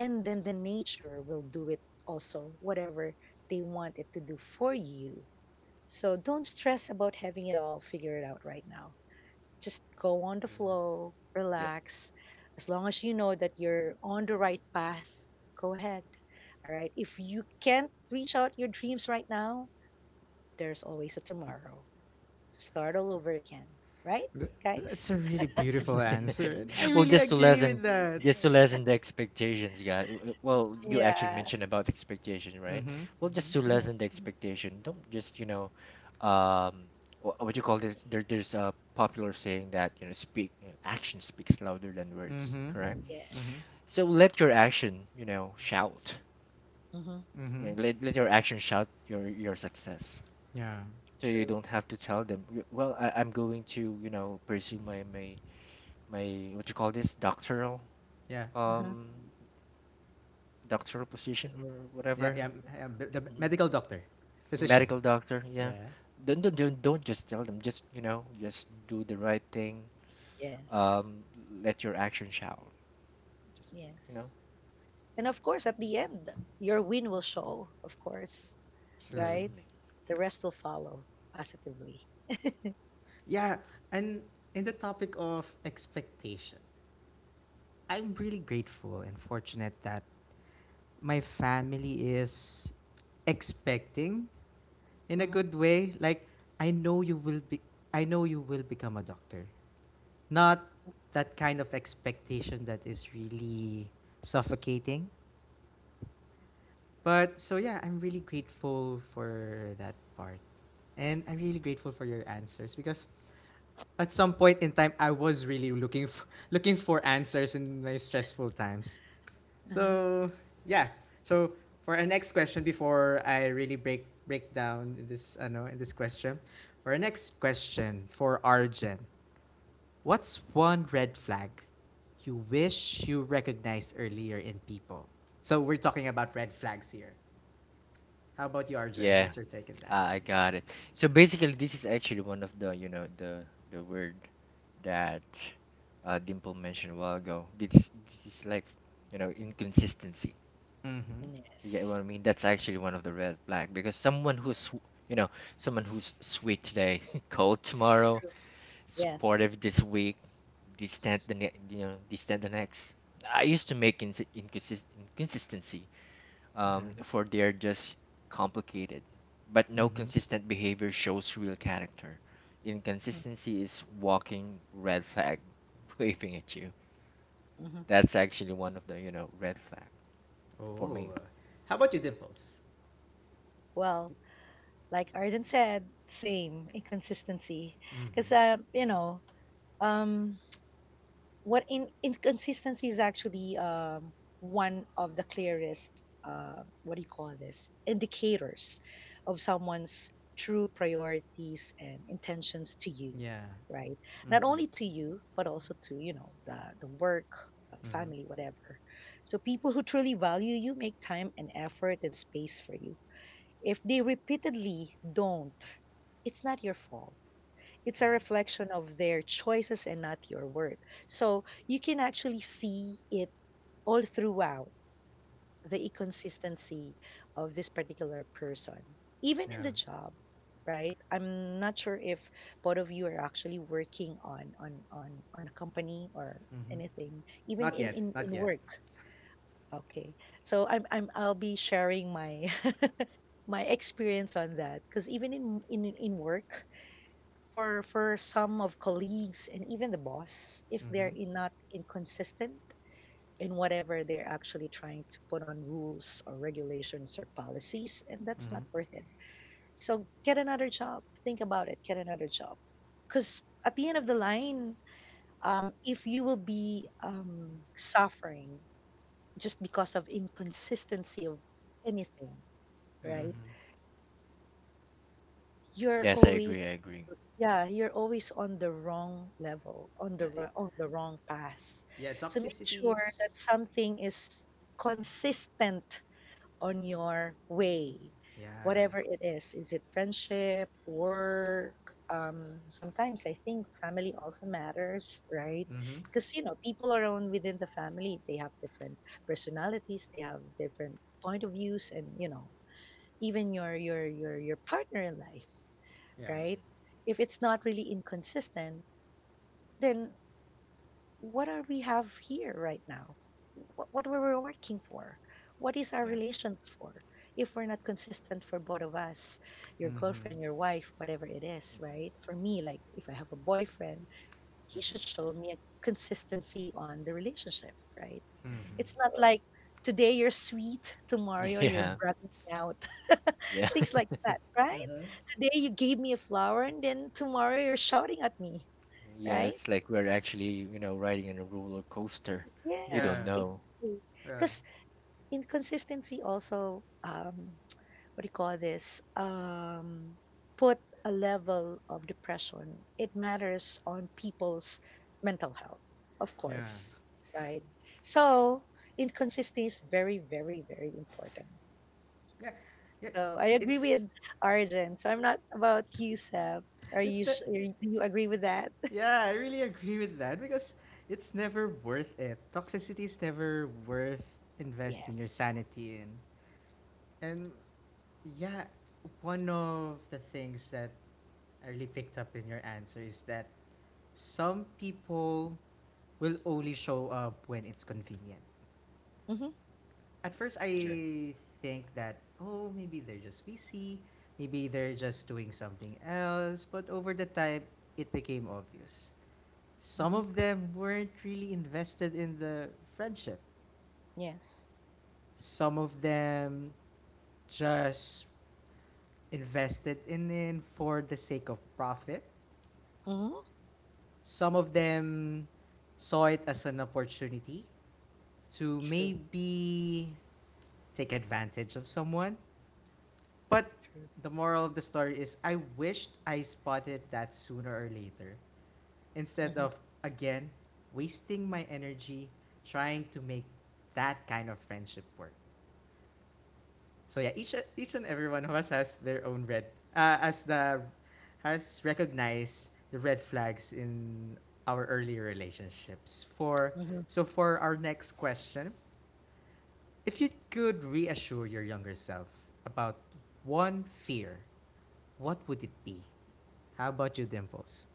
C: and then the nature will do it also, whatever they want it to do for you. So don't stress about having it all figured out right now. Just go on the
B: Yeah.
C: flow,
B: Yep.
C: relax. As long as you know that you're on the right path, go ahead. All right. If you can't reach out your dreams right now, there's always a tomorrow. So start all over again, right,
A: Th-
B: Yeah.
A: That's
C: guys?
A: a really beautiful answer, and I
B: Well,
A: really agree with that.
B: just to lessen the expectations, yeah. Well, you actually
C: Yeah.
B: mentioned about expectation, right?
A: Mm-hmm.
B: Well, just to
C: Mhm.
B: lessen the expectation, don't just, you know, um, what you call this? There's a popular saying that, you know, action speaks louder than words,
A: Mm-hmm.
B: correct?
A: Mm-hmm.
C: Yes.
B: So let your action, you know, shout.
C: Hmm.
A: Mm-hmm.
B: Let your action shout your success.
A: Yeah.
B: So you
C: True.
B: don't have to tell them, "Well, I'm going to, pursue my what you call this, doctoral,
A: Yeah.
C: Uh-huh.
B: um doctor position, or
A: Yeah.
B: whatever.
A: Yeah. Yeah, The
B: Mhm.
A: medical doctor, physician.
B: medical doctor, yeah.
A: Yeah.
B: Don't just tell them, just you know just do the right thing.
C: Yes.
B: um Let your action shout just you know
C: Yes. And of course, at the end, your win will show, of course,
A: True.
C: right?
B: Definitely,
C: The rest will follow positively.
A: Yeah. And in the topic of expectation, I'm really grateful and fortunate that my family is expecting in a
C: Hmm.
A: good way. Like I know you will be. I know you will become a doctor. Not that kind of expectation that is really suffocating. But so yeah, I'm really grateful for that part. And I'm really grateful for your answers because at some point in time I was really looking for looking for answers in my stressful times.
C: Uh-huh.
A: So, yeah. So, for our next question before I really break down in this ano in this question. For our next question for Arjen. What's one red flag you wish you recognized earlier in people? So we're talking about red flags here. How about you, Arjun?
B: yeah.
A: What's your take on that?
B: I got it. So basically, this is actually one of the, the word that Dimple mentioned a while ago. This is like, inconsistency.
A: Mm-hmm.
B: You get what
C: Yes.
B: I mean? That's actually one of the red flag, because someone who's, sw- you know, someone who's sweet today, cold tomorrow,
C: True. Yes.
B: supportive this week, distant the ne- you know, distant the next. I used to make ins inconsist inconsistency
A: Yeah.
B: for they're just complicated, but no
A: Mm-hmm.
B: consistent behavior shows real character.
C: Mhm.
B: Inconsistency is walking red flag waving at you.
C: Mhm.
B: That's actually one of the red flag for
A: Oh.
B: me.
A: How about you, Dimples?
C: Well, like Arjun said, same inconsistency.
A: Mm-hmm.
C: Because, you know, um, what in inconsistency is actually one of the clearest what do you call this indicators of someone's true priorities and intentions to you
A: Yeah.
C: right not
A: Mm-hmm.
C: only to you but also to you know the work
A: Mm-hmm.
C: family whatever so people who truly value you make time and effort and space for you if they repeatedly don't it's not your fault it's a
B: Mhm.
C: reflection of their choices and not your worth. So you can actually see it all throughout the inconsistency of this particular person, even in
A: Yeah.
C: the job, right? I'm not sure if both of you are actually working on on a company or
A: Mm-hmm.
C: anything, even
A: Not yet. Not
C: in
A: yet.
C: work. Okay, so I'll be sharing my my experience on that because even in work for some of colleagues and even the boss if they're
A: Mm-hmm.
C: in not inconsistent in whatever they're actually trying to put on rules or regulations or policies and that's
A: Mm-hmm.
C: not worth it so get another job think about it get another job because at the end of the line if you will be suffering just because of inconsistency of anything right
B: Mhm.
A: Mm-hmm.
C: you're
B: Yes, I
C: always
B: agree. I agree.
C: Yeah, you're always on the wrong level, on
A: Yeah.
C: the on the wrong path.
A: Yeah.
C: So make sure that
A: Toxicities.
C: something is consistent on your way,
A: Yeah.
C: whatever it is. Is it friendship, work? Sometimes I think family also matters, right?
A: Mm-hmm.
C: Because you know people around within the family they have different personalities, they have different point of views, and you know even your your partner in life
A: Yeah.
B: Mm-hmm.
C: right? If it's not really inconsistent, then what are we have here right now? What we're working for? What is our
B: Yeah.
C: relations for? If we're not consistent for both of us, your
A: Mm-hmm.
C: girlfriend, your wife, whatever it is,
B: Mm-hmm.
C: right? For me, like if I have a boyfriend, he should show me a consistency on the relationship, right?
B: Mm-hmm.
A: Mm-hmm.
C: It's not like today you're sweet, tomorrow
B: Mm-hmm.
C: you're
B: Yeah.
C: bragging out.
B: Yeah.
C: Things like that, right?
A: Mm-hmm.
C: Today you gave me a flower and then tomorrow you're shouting at me,
B: Yeah.
C: right?
B: It's like we're actually, riding in a roller coaster. You
C: Yes,
B: don't
A: Yeah.
B: know.
C: exactly.
A: Yeah,
C: Because inconsistency also, what do you call this? Put a level of depression. It matters on people's mental health, of
A: yeah,
C: course, right? So inconsistency is very, very, very important.
A: yeah. Yeah.
C: So I agree with
A: It's
C: Arjun. So I'm not about you, Seb. Are you?
A: it's that.
C: Are you- Do you agree with that?
A: Yeah, I really agree with that because it's never worth it. Toxicity is never worth
C: Yes.
A: investing your sanity in. And yeah, one of the things that I really picked up in your answer is that some people will only show up when it's convenient.
C: Mm-hmm.
A: At first
B: Yeah.
C: True.
A: I think that oh maybe they're just busy, maybe they're just doing something else, but over the time it became obvious. Some
C: Mm-hmm.
A: of them weren't really invested in the friendship.
C: Yes.
A: Some of them just invested in it for the sake of profit.
C: Mm-hmm.
A: Some of them saw it as an opportunity to
C: True.
A: maybe take advantage of someone. But
C: True.
A: the moral of the story is I wished I spotted that sooner or later instead
C: Mm-hmm.
A: of, again, wasting my energy trying to make that kind of friendship work. So yeah, each and every one of us has their own red as the has recognized the red flags in our earlier relationships. For
C: Mm-hmm.
A: So for our next question, if you could reassure your younger self about one fear, what would it be? How about you, Dimples?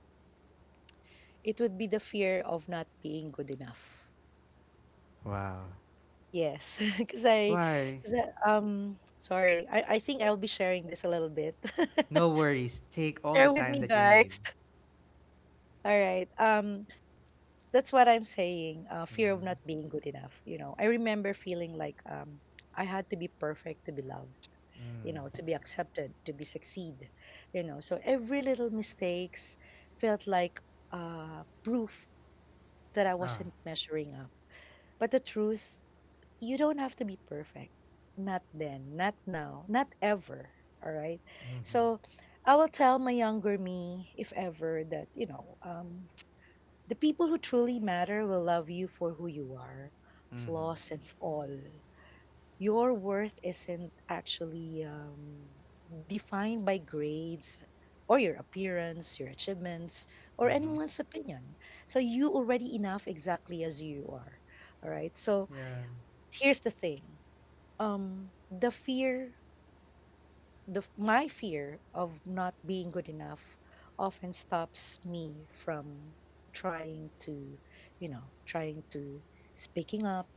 C: It would be the fear of not being good enough.
A: Wow.
C: Yes, because I,
A: Why?
C: 'cause sorry, I think I'll be sharing this a little bit.
A: No worries. Take all the
C: Bear with
A: time
C: me,
A: that you need.
C: guys. All right. That's what I'm saying. Fear of not
A: Mm-hmm.
C: being good enough. You know, I remember feeling like I had to be perfect to be loved. You know,
A: Mm.
C: to be accepted, to be succeed. You know, so every little mistakes felt like proof that I
A: Ah.
C: wasn't measuring up. But the truth, you don't have to be perfect. Not then. Not now. Not ever. All right.
A: Mm-hmm.
C: So I will tell my younger me, if ever, that the people who truly matter will love you for who you are,
A: Mm-hmm.
C: flaws and all. Your worth isn't actually defined by grades or your appearance, your achievements, or
A: Mm-hmm.
C: anyone's opinion. So you already enough exactly as you are. All right. So
A: Yeah.
C: here's the thing. The fear the f- My fear of not being good enough often stops me from trying to you know trying to speaking up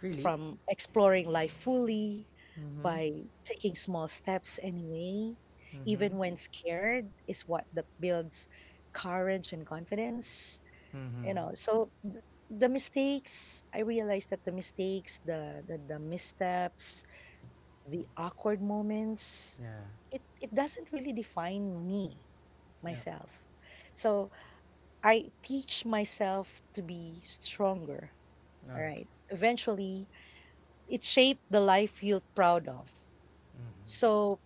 A: Really?
C: from exploring life fully
A: Mm-hmm.
C: by taking small steps anyway,
A: Mm-hmm.
C: even when scared is what that builds courage and confidence.
A: Mm-hmm.
C: So the mistakes, I realized that the mistakes the missteps, the awkward moments,
A: Yeah.
C: it doesn't really define me
A: Yeah.
C: myself. So I teach myself to be stronger,
A: Okay.
C: all right, eventually it shaped the life you're proud of. So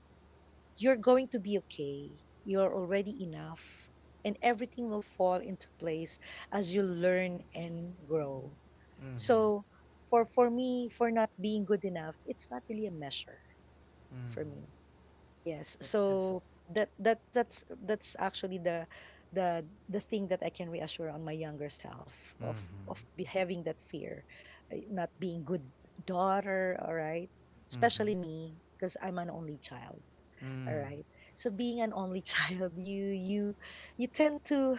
C: you're going to be okay, you're already enough, and everything will fall into place as you learn and grow.
A: Mm-hmm. Mm-hmm.
C: So for me, for not being good enough, it's not really a measure for
A: Mm-hmm.
C: me. Yes.
A: It's.
C: So that's actually the the thing that I can reassure on my younger self of
A: Mm-hmm.
C: having that fear, not being good daughter. All right,
A: Mm-hmm.
C: especially me because I'm an only child. All
A: Mm.
C: right. So being an only child, you tend to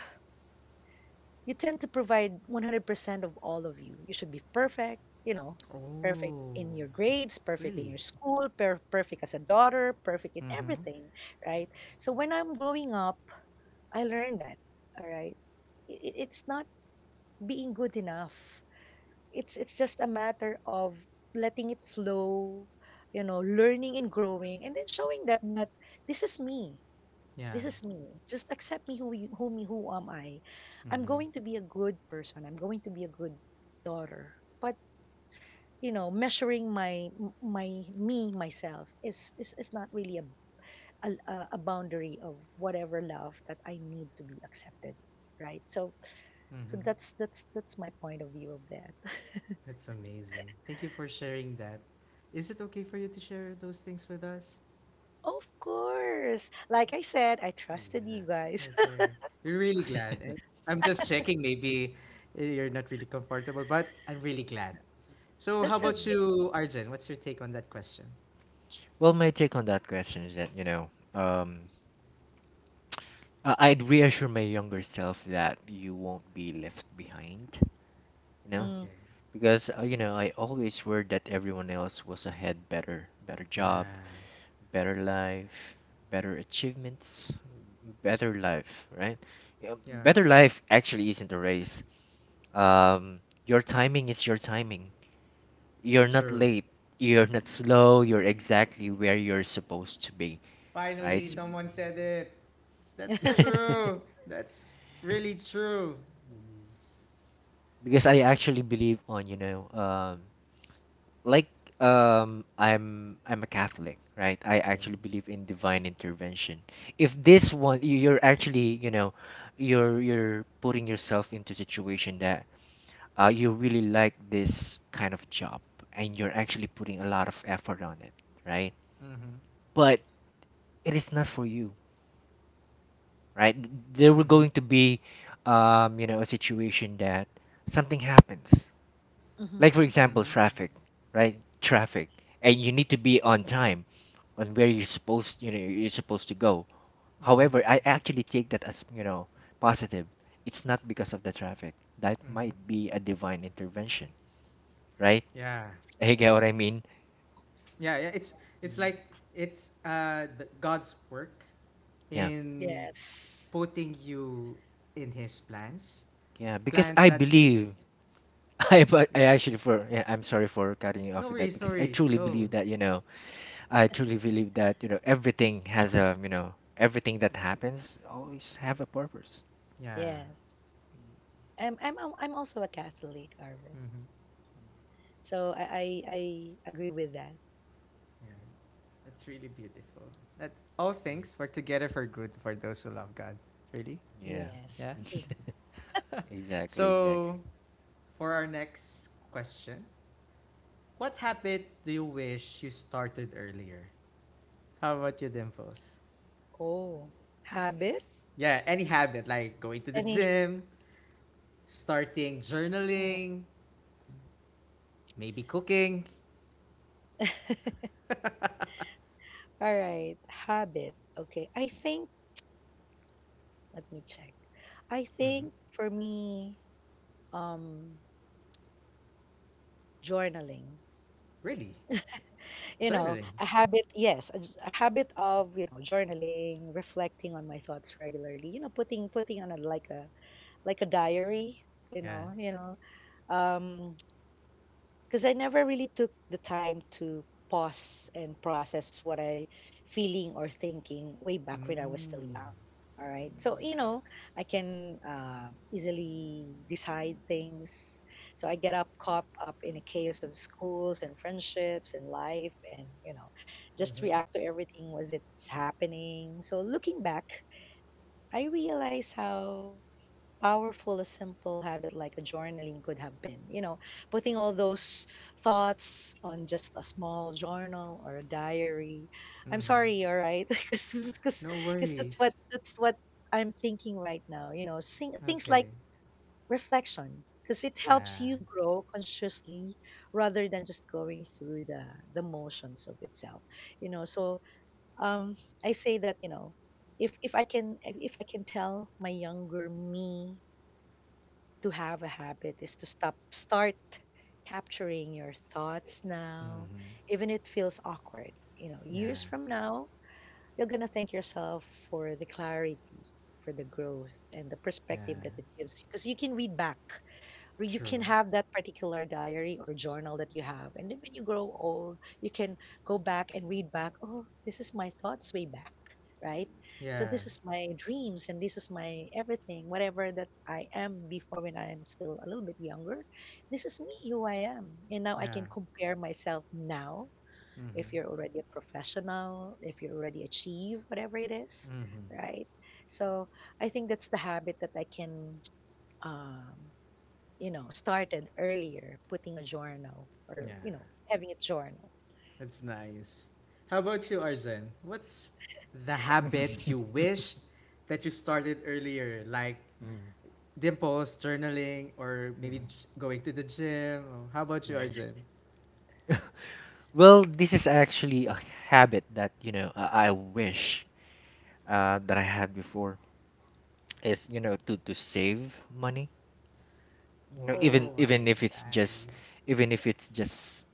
C: provide 100% of all of you. You should be perfect, you know, perfect
A: Oh,
C: in your grades, perfect in
A: really?
C: your school, perfect as a daughter, perfect in
A: Mm-hmm.
C: everything, right? So when I'm growing up, I learned that, all right? I- It's not being good enough. It's just a matter of letting it flow, you know, learning and growing and then showing them that this is me.
A: Yeah.
C: This is me. Just accept me who am I. I'm going to
A: Mm-hmm.
C: be a good person. I'm going to be a good daughter. But you know, measuring my my me myself is not really a boundary of whatever love that I need to be accepted, right? So
A: Mm-hmm.
C: that's my point of view of that.
A: That's amazing. Thank you for sharing that. Is it okay for you to share those things with us?
C: Of course. Like I said, I trusted
B: Yeah.
C: you guys.
A: Okay. We're really glad. And I'm just
B: Yeah.
A: checking, maybe you're not really comfortable, but I'm really glad. So, how
C: That's
A: about
B: Mm-hmm.
C: okay.
A: you, Arjun? What's your take on that question?
B: Well, my take on that question is that, I'd reassure my younger self that you won't be left behind, you know,
C: Mm-hmm.
A: Okay.
B: because, I always worried that everyone else was ahead, better, better
A: Yeah.
B: job, better life, better achievements, better life, right? Yeah,
A: Yeah.
B: better life actually isn't a race. Your timing is your timing. You're not
A: True.
B: late. You're not slow. You're exactly where you're supposed to be, right?
A: Finally,
C: mm
A: someone said it. That's
B: Mhm.
A: true. That's really true.
B: Because I actually believe on, like, I'm a Catholic, right? I
A: Okay.
B: actually believe in divine intervention. If this one, you're actually, you're putting yourself into situation that, you really like this kind of job, and you're actually putting a lot of effort on it, right?
A: Mm hmm.
B: But it is not for you, right? There were
A: Mm hmm.
B: going to be a situation that something happens,
C: hmm
B: like for
A: Mm
B: example
A: hmm.
B: traffic, right? Traffic. And you need to be on time, on where you're supposed to go.
A: Mm hmm.
B: However, I actually take that as, positive. It's not because of the traffic, that
A: Mm hmm.
B: might be a divine intervention, right?
A: Yeah.
B: You get what I mean?
A: Yeah, yeah, it's like
B: Mhm.
A: it's the God's work
B: Yeah,
A: in
C: Yes.
A: putting you in His plans,
B: yeah. Because
A: plans
B: I
A: that I
B: believe. I, but I
A: yeah,
B: actually for, yeah, I'm sorry for cutting you
A: no
B: off with that,
A: worries, no
B: because
A: worries, go.
B: I truly believe that, everything has a you know everything that happens always have a purpose.
A: Yeah,
C: Yes. I'm also a Catholic, Arvin.
A: mm-hmm.
C: So I agree with that.
A: Yeah, that's really beautiful. That all
B: Yeah.
A: things work together for good for those who love God. Really,
B: Yeah.
C: Yes.
A: yeah.
C: In
B: Exactly,
A: So
B: exactly.
A: for our next question, what habit do you wish you started earlier? How about you, Dimples?
C: oh habit.
A: Yeah, any habit like going to the
C: Any.
A: gym, starting
C: Oh.
A: journaling, maybe cooking.
C: All right, habit. Okay, I think. Let me check. I
A: Mhm.
C: think for me, um, journaling.
A: Really?
C: You know,
A: Journaling?
C: a habit. Yes, a habit of, you know, journaling, reflecting on my thoughts regularly. You know, putting on a like a like a diary. You
A: Yeah.
C: know, you know, um, because I never really took the time to pause and process what I feeling or thinking way back when I was still
A: Mm.
C: young. All right, so you know I can easily decide things. So I get up caught up in a chaos of schools and friendships and life, and you know just
A: Mm-hmm.
C: react to everything as it's happening. So looking back, I realize how powerful a simple habit like a journaling could have been. You know, putting all those thoughts on just a small journal or a diary. I'm
A: Mm-hmm.
C: sorry, all right, because
A: No
C: because that's what
A: worries.
C: I'm thinking right now. You know, things like
A: Okay.
C: reflection because it helps
A: Yeah.
C: you grow consciously rather than just going through the motions of itself, you know. So um, I say that, you know, if I can tell my younger me to have a habit is to stop start capturing your thoughts now,
A: Mm-hmm.
C: even if it feels awkward. You know,
A: Yeah.
C: years from now you're going to thank yourself for the clarity, for the growth and the
A: Yeah.
C: perspective that it gives you, because you can read back, or you
A: True.
C: can have that particular diary or journal that you have, and then when you grow old you can go back and read back, oh, this is my thoughts way back, right? So
A: Yeah.
C: this is my dreams and this is my everything, whatever that I am before when I am still a little bit younger. This is me, who I am, and now I
A: Yeah.
C: can compare myself now
A: Mm-hmm.
C: if you're already a professional, if you already achieve whatever it is,
A: Mm-hmm.
C: right? So I think that's the habit that I can, um, you know, started earlier, putting a journal or,
A: Yeah.
C: you know, having a journal.
A: That's nice. How about you, Arjen? What's the habit you wished that you started earlier? Like
B: Mhm,
A: dimples, journaling, or maybe
B: mhm,
A: going to the gym. Oh, How about you,
B: mhm.
A: Arjen?
B: Well, this is actually a habit that, I wish, that I had before, is, to save money.
C: Wow.
B: Even
A: Oh my
B: even if it's just
A: golly.
B: even if it's just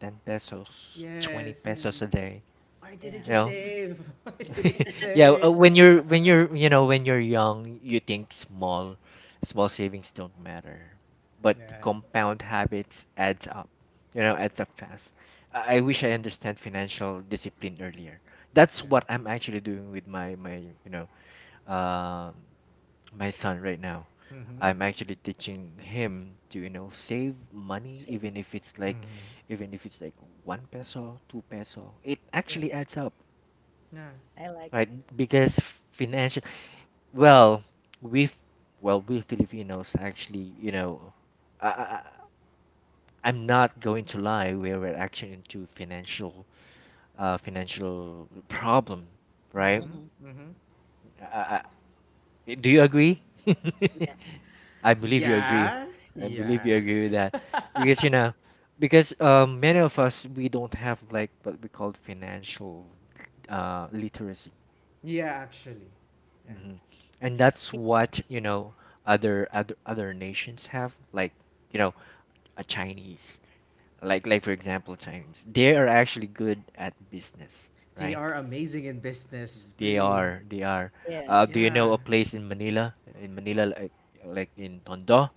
B: 10 pesos, 20
A: Yes.
B: pesos a day,
A: Why
C: Yeah.
A: didn't
B: you
A: you
B: know,
A: save? Why didn't you
B: yeah,
A: save?
B: when you're young, you think small. Small savings don't matter, but
A: Yeah.
B: compound habits adds up, adds up fast. I wish I understand financial discipline earlier. That's
A: Yeah.
B: what I'm actually doing with my my you know um my son right now.
A: Mm-hmm.
B: I'm actually teaching him to, save money,
C: Same.
B: even if it's like,
A: Mm-hmm.
B: even if it's like 1 peso, 2 peso. It actually
C: Yes.
B: adds up,
A: Yeah.
C: I like
B: right? Because financial, well, we, f- well, we Filipinos actually, I, I, I'm not going to lie, we were actually into financial problem,
C: that.
B: right?
A: Mm-hmm.
C: Mm-hmm.
A: Mm-hmm.
B: I, do you agree?
C: Yeah.
B: I believe you agree.
A: Yeah.
B: I believe
A: Yeah.
B: you agree with that, because, because many of us, we don't have like what we call financial literacy.
A: Yeah, actually. Yeah.
B: Mhm. And that's
C: We-
B: what, other nations have, like, you know, a Chinese, like for example, Chinese. They are actually good at business,
A: They
B: right?
A: are amazing in business.
B: They
A: Really.
B: are, they are. Do
C: Yes.
B: you know
A: Yeah.
B: a place in Manila? In Manila, like, in Tondo,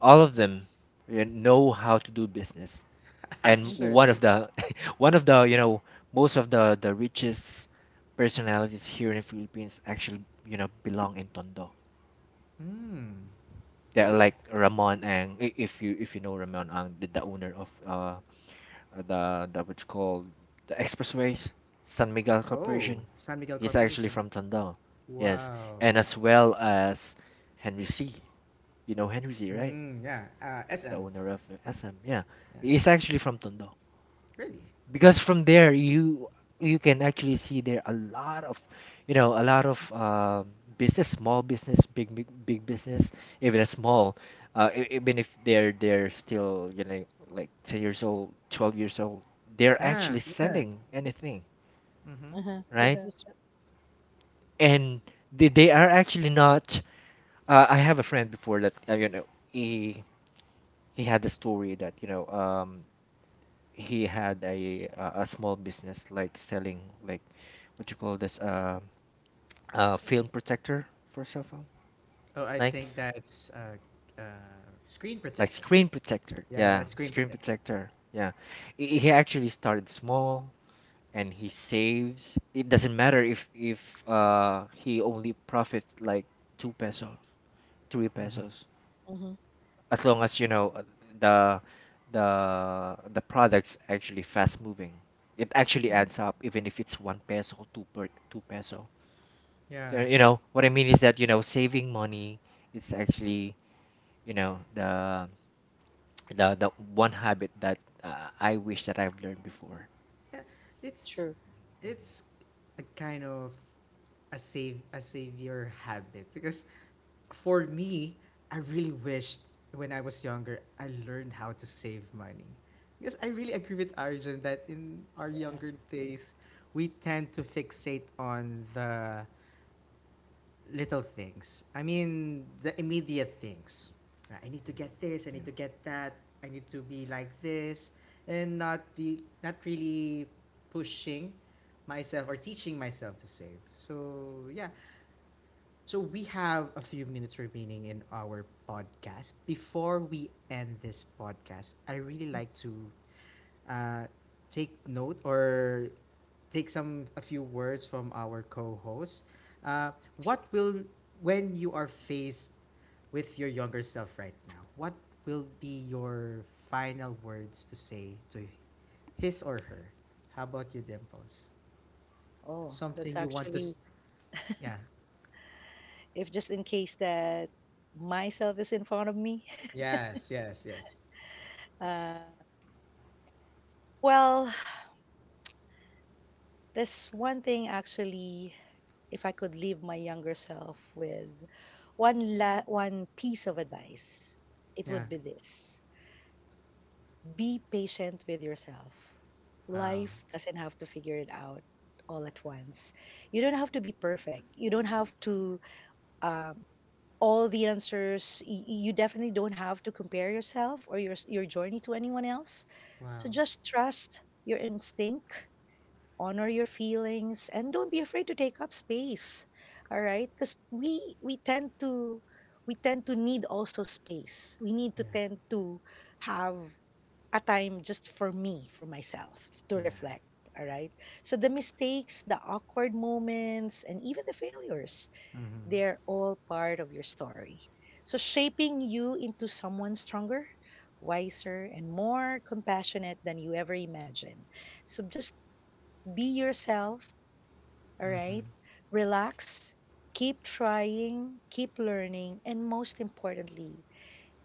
B: all of them, you know how to do business. And
C: Mm-hmm.
B: one of
A: Actually.
B: the one of the, most of the richest personalities here in the Philippines actually, belong in Tondo.
A: Hmm.
B: Yeah,
A: Really?
B: like Ramon Ang. If you know Ramon Ang, the owner of the what's called, the Expressways, San Miguel
A: Oh,
B: Corporation.
A: San Miguel
B: He's actually
A: Corporation.
B: from Tondo. Yes,
A: Wow.
B: and as well as Henry C. You know Henry C, right?
A: Mm, yeah.
B: The
A: SM.
B: owner of, SM. Yeah,
A: Yeah.
B: he's actually from Tondo,
A: Really?
B: because from there, you can actually see there a lot of, you know a lot of um, business, small business, big big big business, even a small, even if they're still, like 10 years old, 12 years old, they're
A: Yeah.
B: actually, yeah, selling anything,
A: Mm-hmm.
C: Uh-huh. That,
B: right.
C: that's
B: Yeah. And they are actually not, I have a friend before that, he had the story that, he had a small business, like selling, like what you call this, film protector for cell phone,
A: Oh, I
B: like,
A: think that's screen protector.
B: screen protector,
A: Yeah,
B: yeah,
A: that's screen
B: screen
A: protector.
B: protector, yeah. He actually started small, and he saves. It doesn't matter if, he only profits like 2 pesos, three
A: Mm-hmm.
B: pesos
C: mm-hmm.
B: As long as, the the the product's actually fast moving, it actually
C: Mm-hmm.
B: adds up, even if it's 1 peso, 2 peso.
A: Yeah.
B: So, what I mean is that, saving money is actually, you know the the one habit that, I wish that I've learned before.
A: Yeah. It's
C: True.
A: it's a kind of a savior habit because for me, I really wished when I was younger I learned how to save money. Because I really agree with Arjun that in our
C: Yeah.
A: younger days we tend to fixate on the little things. I mean, the immediate things. I need to
B: Mhm.
A: get this. I need
B: Yeah.
A: to get that. I need to be like this, and not be not really pushing myself or teaching myself to save. So yeah. So we have a few minutes remaining in our podcast. Before we end this podcast, I really
C: Mm.
A: like to uh, take note or take some a few words from our co-host. Uh, what will when you are faced with your younger self right now? What will be your final words to say to his or her? How about you, Dimples?
C: Oh, that's
A: Something you want to?
C: actually,
A: Yeah.
C: if just in case that myself is in front of me.
A: Yes. Yes. Yes.
C: Uh, well, there's one thing actually, if I could leave my younger self with one piece of advice, it
A: Yeah.
C: would be this: be patient with yourself.
A: Wow.
C: Life doesn't have to figure it out all at once. You don't have to be perfect. You don't have to, um, all the answers. You definitely don't have to compare yourself or your journey to anyone else.
A: Wow.
C: So just trust your instinct, honor your feelings, and don't be afraid to take up space, all right, because we tend to need also space, we need to
A: Yeah.
C: tend to have a time just for me, for myself, to
A: Yeah.
C: reflect, all right. So the mistakes, the awkward moments, and even the failures,
A: Mhm.
C: they're all part of your story, so shaping you into someone stronger, wiser and more compassionate than you ever imagined. So just be yourself, all right.
A: Mhm.
C: Relax, keep trying, keep learning, and most importantly,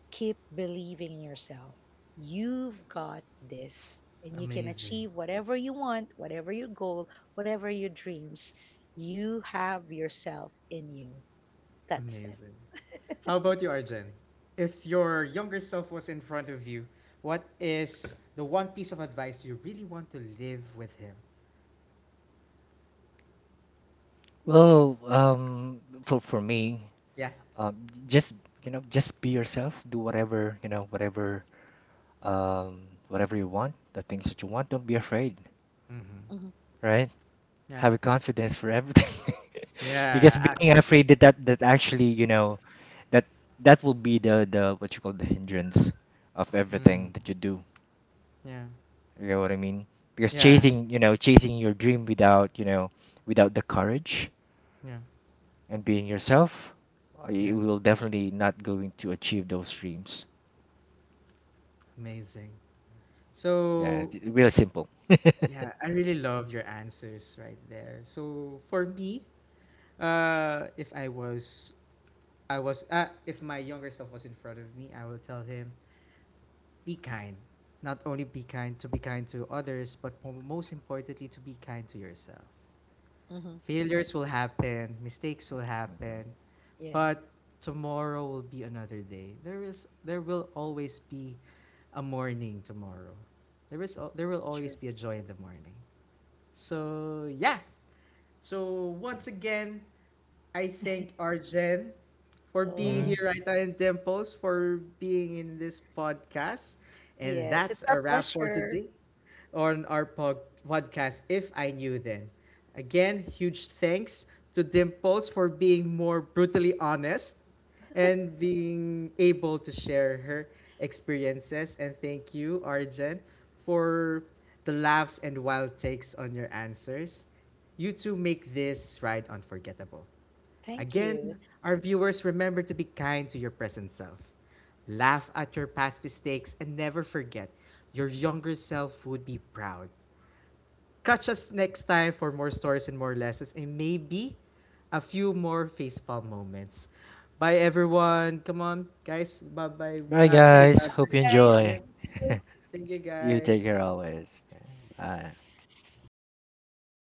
C: keep believing in yourself. You've got this, and you can
A: Amazing.
C: achieve whatever you want, whatever your goal, whatever your dreams. You have yourself in you. That's it.
A: Amazing. How about you, Arjen? If your younger self was in front of you, what is the one piece of advice you really want to live with him?
B: Well, for me,
A: Yeah.
B: um, j- just just be yourself. Do whatever you want, the things that you want. Don't be afraid,
A: Mm-hmm.
C: Hmm.
B: right?
A: Yeah.
B: Have a confidence for everything, because
A: Yeah,
B: being
A: actually.
B: afraid, that actually, that that will be the what you call, the hindrance of
A: Mm.
B: everything that you do.
A: Yeah.
B: You know what I mean? Because
A: Yeah.
B: chasing your dream, without you know without the courage
A: Yeah.
B: and being yourself,
A: Yeah.
B: you will definitely not going to achieve those dreams.
A: Amazing.
B: Yeah,
A: So,
B: it's real simple.
A: yeah, I really love your answers right there. So, for me, if I was if my younger self was in front of me, I will tell him be kind. Not only be kind to others, but most importantly, to be kind to yourself.
C: Hmm.
A: Failures will happen, mistakes will happen,
B: Agree.
A: but
C: Yes,
A: tomorrow will be another day. There will always be a morning tomorrow. There will
C: true.
A: always be a joy in the morning. So yeah. So once again, I thank Arjen for being
C: Oh,
A: here right now in Dimples, for being in this podcast. And
C: yes. It's
A: that's
C: our
A: a wrap for
C: pleasure.
A: today on our podcast, If I Knew Then. Again, huge thanks to Dimples for being more brutally honest and being able to share her experiences. And thank you, Arjen, for the laughs and wild takes on your answers. You two make this ride unforgettable.
C: Thank you.
A: Again, our viewers remember to be kind to your present self. Laugh at your past mistakes and never forget your younger self would be proud. Catch us next time for more stories and more lessons and maybe a few more facepalm moments. Bye everyone. Come on, guys. Bye bye.
B: Bye,
C: Yes,
A: Say
B: guys.
A: bye bye
B: Hope you
A: to our
C: guys.
B: enjoy.
A: audience. Thank you
B: You take care
A: guys.
B: always. Bye.